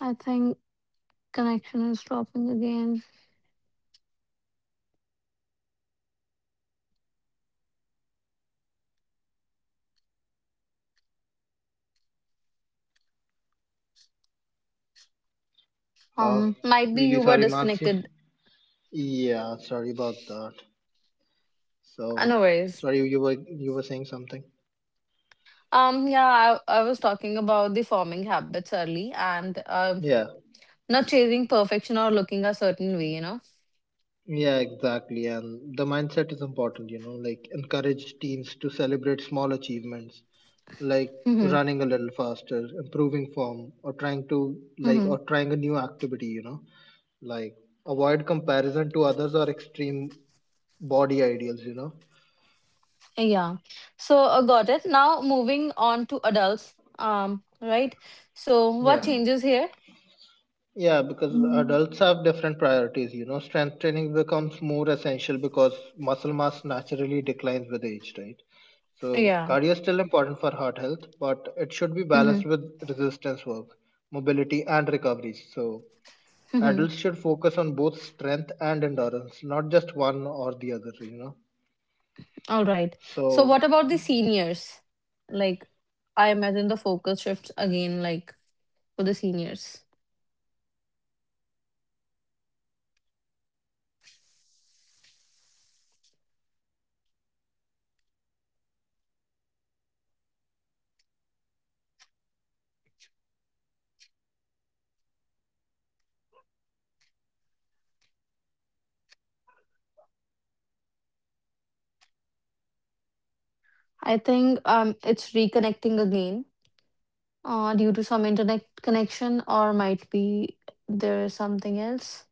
A: I think connection is dropping again.
B: Uh,
A: Might be
B: Really
A: you were
B: sorry, Marcy.
A: disconnected.
B: Yeah, sorry about that. So,
A: No worries.
B: sorry, you were saying something.
A: Yeah, I was talking about the forming habits early, and
B: Yeah.
A: not chasing perfection or looking a certain way, you know.
B: Yeah, exactly. And the mindset is important, you know, like encourage teens to celebrate small achievements, like
A: Hmm.
B: running a little faster, improving form, or trying to like
A: Hmm.
B: or trying a new activity, you know. Like avoid comparison to others or extreme body ideals, you know.
A: Yeah. So got it. Now moving on to adults. Right. So what
B: Yeah.
A: changes here?
B: Yeah, because adults have different priorities. You know, strength training becomes more essential because muscle mass naturally declines with age, right? So,
A: Yeah.
B: cardio is still important for heart health, but it should be
A: Mm-hmm.
B: balanced with resistance work, mobility, and recoveries. So,
A: Mm-hmm.
B: adults should focus on both strength and endurance, not just one or the other, you know.
A: All right. So
B: So,
A: what about the seniors? Like, I imagine the focus shifts again. Like for the seniors, I think it's reconnecting again. Due to some internet connection, or might be there's something else.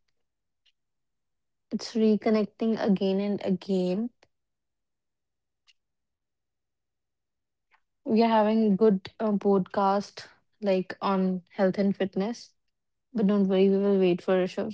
A: It's reconnecting again and again. We are having good podcast like on health and fitness, but don't worry, we will wait for a show.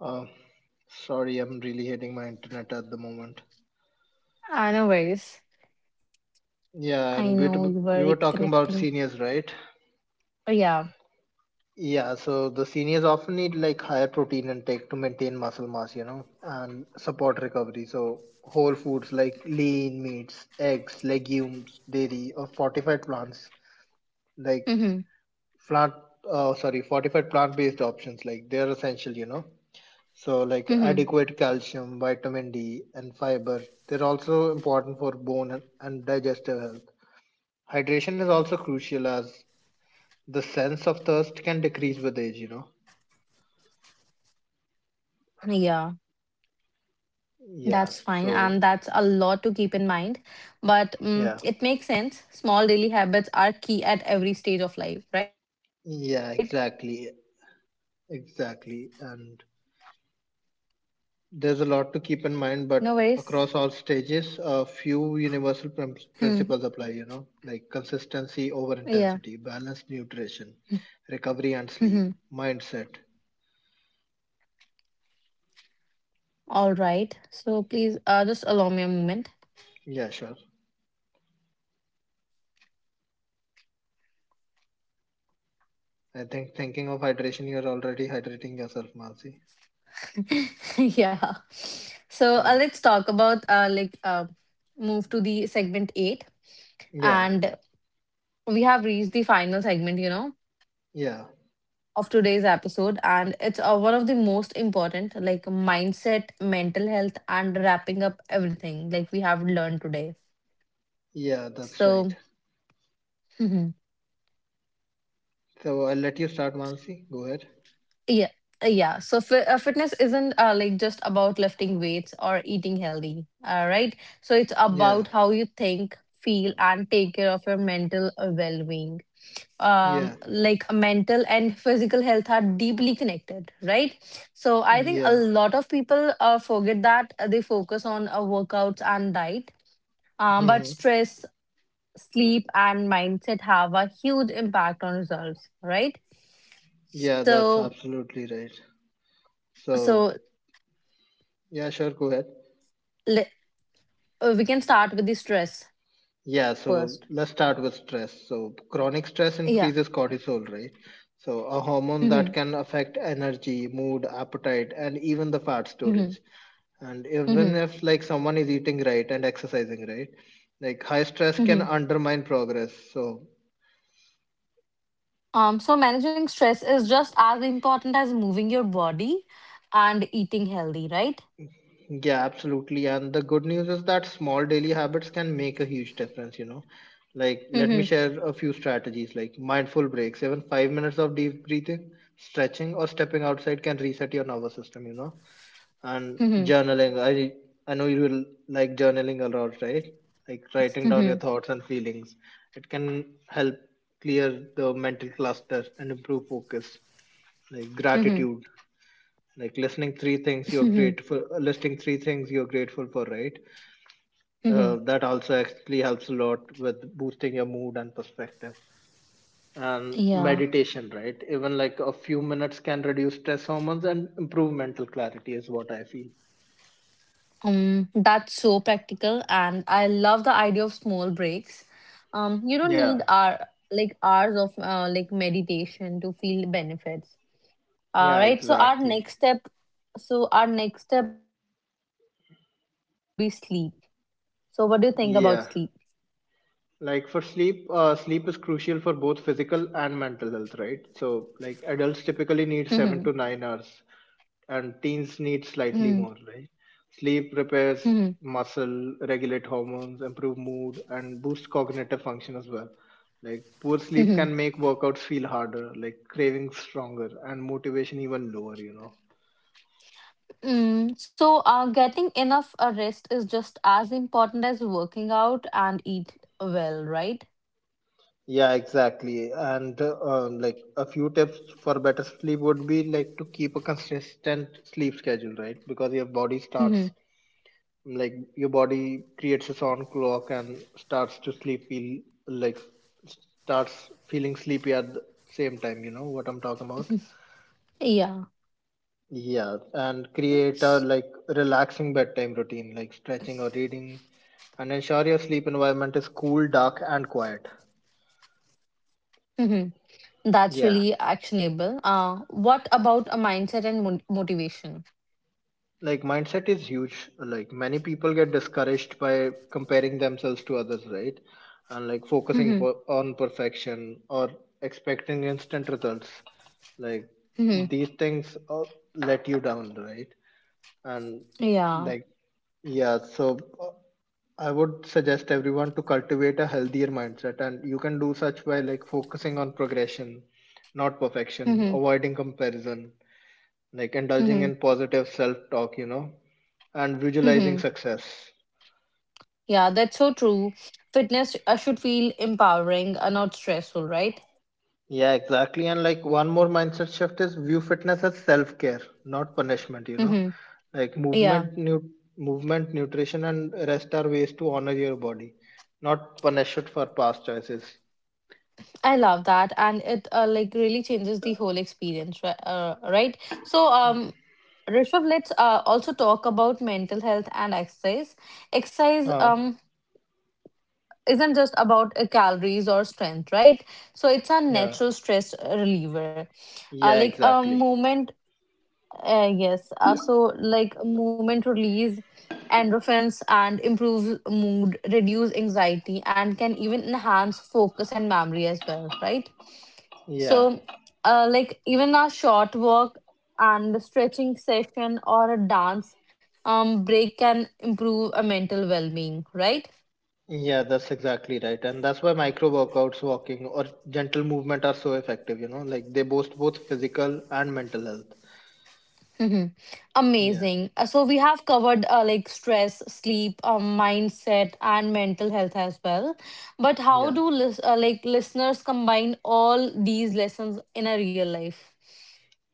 B: Uh, sorry, I'm really hating my internet at the moment.
A: I know, worries.
B: Yeah,
A: I
B: and
A: know you were
B: we were talking about
A: reconnecting.
B: seniors, right?
A: Oh, yeah.
B: Yeah, so the seniors often need like higher protein intake to maintain muscle mass, you know, and support recovery. So whole foods like lean meats, eggs, legumes, dairy, or fortified plants, like
A: Mm-hmm.
B: plant, sorry, fortified plant-based options, like they're essential, you know. So, like
A: Mm-hmm.
B: adequate calcium, vitamin D, and fiber, they're also important for bone and digestive health. Hydration is also crucial as the sense of thirst can decrease with age, you know.
A: Yeah, that's fine. And
B: Yeah,
A: that's a
B: so
A: lot to keep in mind. But it makes
B: yeah,
A: sense. Small daily habits are key at every stage of life, right?
B: yeah, exactly, exactly, and there's a lot to
A: No
B: keep in
A: worries.
B: mind, but across all stages, a few universal
A: Hmm.
B: principles apply, you know, like consistency over
A: Yeah.
B: intensity, balanced nutrition, recovery and
A: Mm-hmm.
B: sleep, mindset.
A: All right. So please just allow me a moment.
B: Yeah, sure. I think thinking of hydration, you're already hydrating yourself, Mansi.
A: Yeah. So
B: Yeah,
A: let's talk about like move to the segment eight,
B: yeah,
A: and we have reached the final segment, you know,
B: yeah,
A: of today's episode, and it's one of the most important, like mindset, mental health, and wrapping up everything like we have learned today.
B: yeah. That's right.
A: So mhm.
B: So I'll let you start, Mansi. Go ahead.
A: Yeah, yeah. So fitness isn't like just about lifting weights or eating healthy. All right. So it's
B: Yeah,
A: about how you think, feel, and take care of your mental well being.
B: yeah,
A: Like mental and physical health are deeply connected, right? So I think a
B: yeah.
A: lot of people forget that they focus on workouts and diet, but
B: Hmm.
A: stress, sleep and mindset have a huge impact on results, right?
B: Yeah, that's
A: so
B: absolutely right. So
A: so
B: yeah, sure. Go ahead.
A: le- we can start with the stress
B: Yeah,
A: first.
B: so let's start with stress. So chronic stress
A: Yeah.
B: increases cortisol, right? So a hormone
A: Hmm.
B: that can affect energy, mood, appetite, and even the fat
A: Hmm.
B: storage. And even
A: Hmm.
B: if like someone is eating right and exercising right, like high stress
A: Hmm.
B: can undermine progress. So
A: So managing stress is just as important as moving your body and eating healthy, right?
B: yeah, absolutely. And the good news is that small daily habits can make a huge difference, you know. Like let me
A: Mm-hmm.
B: share a few strategies like mindful breaks, even 5 minutes of deep breathing, stretching or stepping outside can reset your nervous system, you know. And
A: Mhm.
B: journaling, I know you will like journaling a lot, right? Like writing down your
A: Mhm.
B: thoughts and feelings, it can help clear the mental cluster and improve focus. Like
A: Mhm.
B: gratitude, like listening three things you're
A: Mhm.
B: grateful listing three things you're grateful for, right?
A: Mhm.
B: That also actually helps a lot with boosting your mood and perspective. And
A: Yeah.
B: meditation, right? Even like a few minutes can reduce stress hormones and improve mental clarity is what I feel.
A: That's so practical, and I love the idea of small breaks. You don't
B: Yeah,
A: need our like hours of like meditation to feel the benefits. All
B: yeah,
A: right. So our
B: exactly.
A: next step. So our next step will be sleep. So what do you think about sleep?
B: Yeah, like for sleep, sleep is crucial for both physical and mental health, right? So, like adults
A: Mhm.
B: typically need 7 to 9 hours, and teens need
A: Mhm.
B: slightly more, right? Sleep
A: Mhm.
B: repairs muscle, regulate hormones, improve mood, and boost cognitive function as well. Like poor sleep
A: Mhm.
B: can make workouts feel harder, like cravings stronger, and motivation even lower, you know.
A: Mm, so, getting enough rest is just as important as working out and eat well, right?
B: Yeah, exactly. And like a few tips for better sleep would be like to keep a consistent sleep schedule, right? Because your body starts, like your body creates its own clock and starts to sleep feel, like starts feeling sleepy at the same time. You know what I'm talking about?
A: Yeah.
B: Yeah, and create a like
A: S-
B: relaxing bedtime routine, like stretching or reading, and ensure your sleep environment is cool, dark, and quiet.
A: mhm. That's
B: Yeah.
A: really actionable. What about a mindset and motivation?
B: Like mindset is huge. Like many people get discouraged by comparing themselves to others, right? And like focusing
A: Mhm,
B: on perfection or expecting instant results, like
A: mhm.
B: these things let you down, right? And
A: Yeah.
B: like yeah, so uh, I would suggest everyone to cultivate a healthier mindset, and you can do such by like focusing on progression, not perfection,
A: Mhm,
B: avoiding comparison, like indulging
A: mhm,
B: in positive self talk, you know, and visualizing
A: mhm.
B: success.
A: Yeah, that's so true. Fitness should feel empowering, not stressful, right?
B: Yeah, exactly. And like one more mindset shift is view fitness as self care, not punishment, you know.
A: Mhm.
B: Like
A: Yeah,
B: movement, nutrition, and rest are ways to honor your body, not punish it for past choices.
A: I love that, and it like really changes the whole experience, right? So, Rishabh, let's also talk about mental health and exercise. Exercise,
B: Uh,
A: isn't just about calories or strength, right? So it's a
B: yeah,
A: natural stress reliever. Uh,
B: yeah,
A: like a
B: exactly.
A: movement, yes. So like movement release endorphins and improves mood, reduce anxiety, and can even enhance focus and memory as well, right?
B: Yeah,
A: So, like even a short walk and a stretching session or a dance break can improve a mental well-being, right?
B: yeah, that's exactly right. And that's why micro workouts, walking, or gentle movement are so effective, you know, like they boost both physical and mental health.
A: Mm-hmm.
B: Yeah,
A: Amazing. So we have covered like stress, sleep, mindset, and mental health as well. But how
B: yeah.
A: do like listeners combine all these lessons in a real life?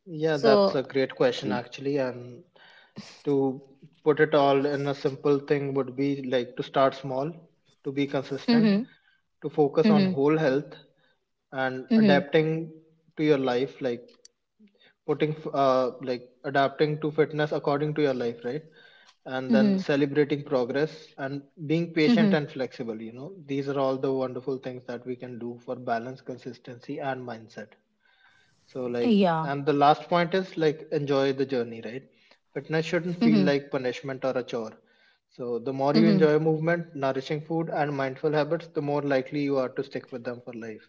B: Yeah, that's
A: So,
B: a great question actually. And to put it all in a simple thing would be like to start small, to be consistent,
A: mm-hmm,
B: to focus on
A: mm-hmm,
B: whole health and
A: mm-hmm,
B: adapting to your life, like like adapting to fitness according to your life, right? And then
A: mm-hmm,
B: celebrating progress and being patient
A: mm-hmm.
B: and flexible, you know, these are all the wonderful things that we can do for balance, consistency, and mindset. So like,
A: Yeah.
B: and the last point is like enjoy the journey, right? Fitness shouldn't feel
A: Mm-hmm,
B: like punishment or a chore. So the more you
A: mm-hmm.
B: enjoy movement, nourishing food and mindful habits, the more likely you are to stick with them for life.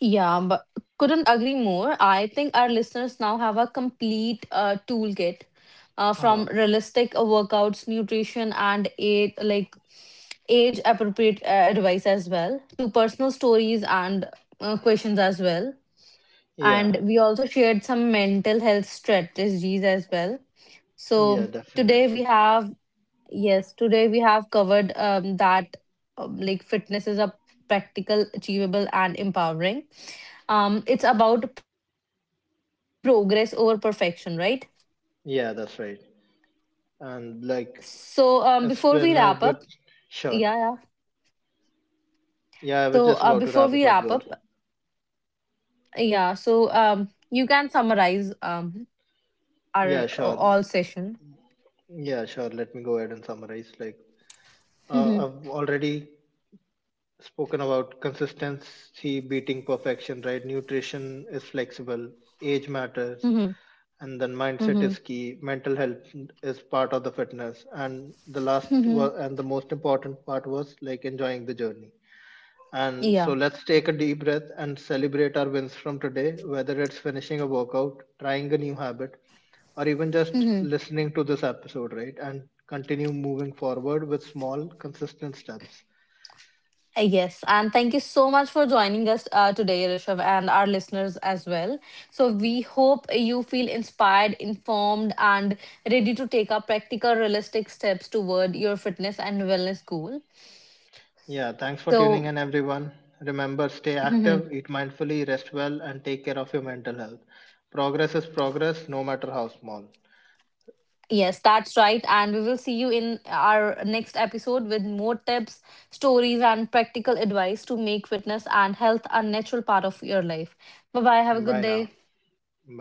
A: Yeah, but couldn't agree more. I think our listeners now have a complete toolkit
B: Uh-huh.
A: from realistic workouts, nutrition, and age, like age appropriate advice as well to personal stories and questions as well.
B: Yeah.
A: And we also shared some mental health strategies as well. So
B: Yeah,
A: today we
B: definitely.
A: have, yes, today we have covered that like fitness is a practical, achievable, and empowering. It's about progress over perfection, right?
B: Yeah, that's right. And like
A: So
B: it's
A: before
B: been
A: we
B: a
A: wrap
B: good,
A: up.
B: sure.
A: yeah yeah
B: Yeah, I was just about to wrap up
A: Before
B: as
A: we
B: well.
A: wrap up, yeah so you can summarize
B: Yeah, sure.
A: our all session.
B: Yeah, sure. Let me go ahead and summarize. Like I've
A: Mhm,
B: already spoken about consistency beating perfection, right? Nutrition is flexible, age matters,
A: mhm,
B: and then mindset
A: mhm,
B: is key. Mental health is part of the fitness, and the
A: mhm.
B: and the most important part was like enjoying the journey. And
A: yeah
B: so let's take a deep breath and celebrate our wins from today, whether it's finishing a workout, trying a new habit, or even just
A: mhm.
B: listening to this episode, right? And continue moving forward with small, consistent steps.
A: Yes, and thank you so much for joining us today Rishav and our listeners as well. So we hope you feel inspired, informed and ready to take up practical realistic steps toward your fitness and wellness goal.
B: Yeah, thanks for
A: So,
B: tuning in, everyone. Remember, stay
A: mhm.
B: active, eat mindfully, rest well, and take care of your mental health. Progress is progress, no matter how small.
A: Yes, that's right. And we will see you in our next episode with more tips, stories, and practical advice to make fitness and health a natural part of your life. Bye bye. Have
B: Bye
A: a good
B: now.
A: day.
B: Bye.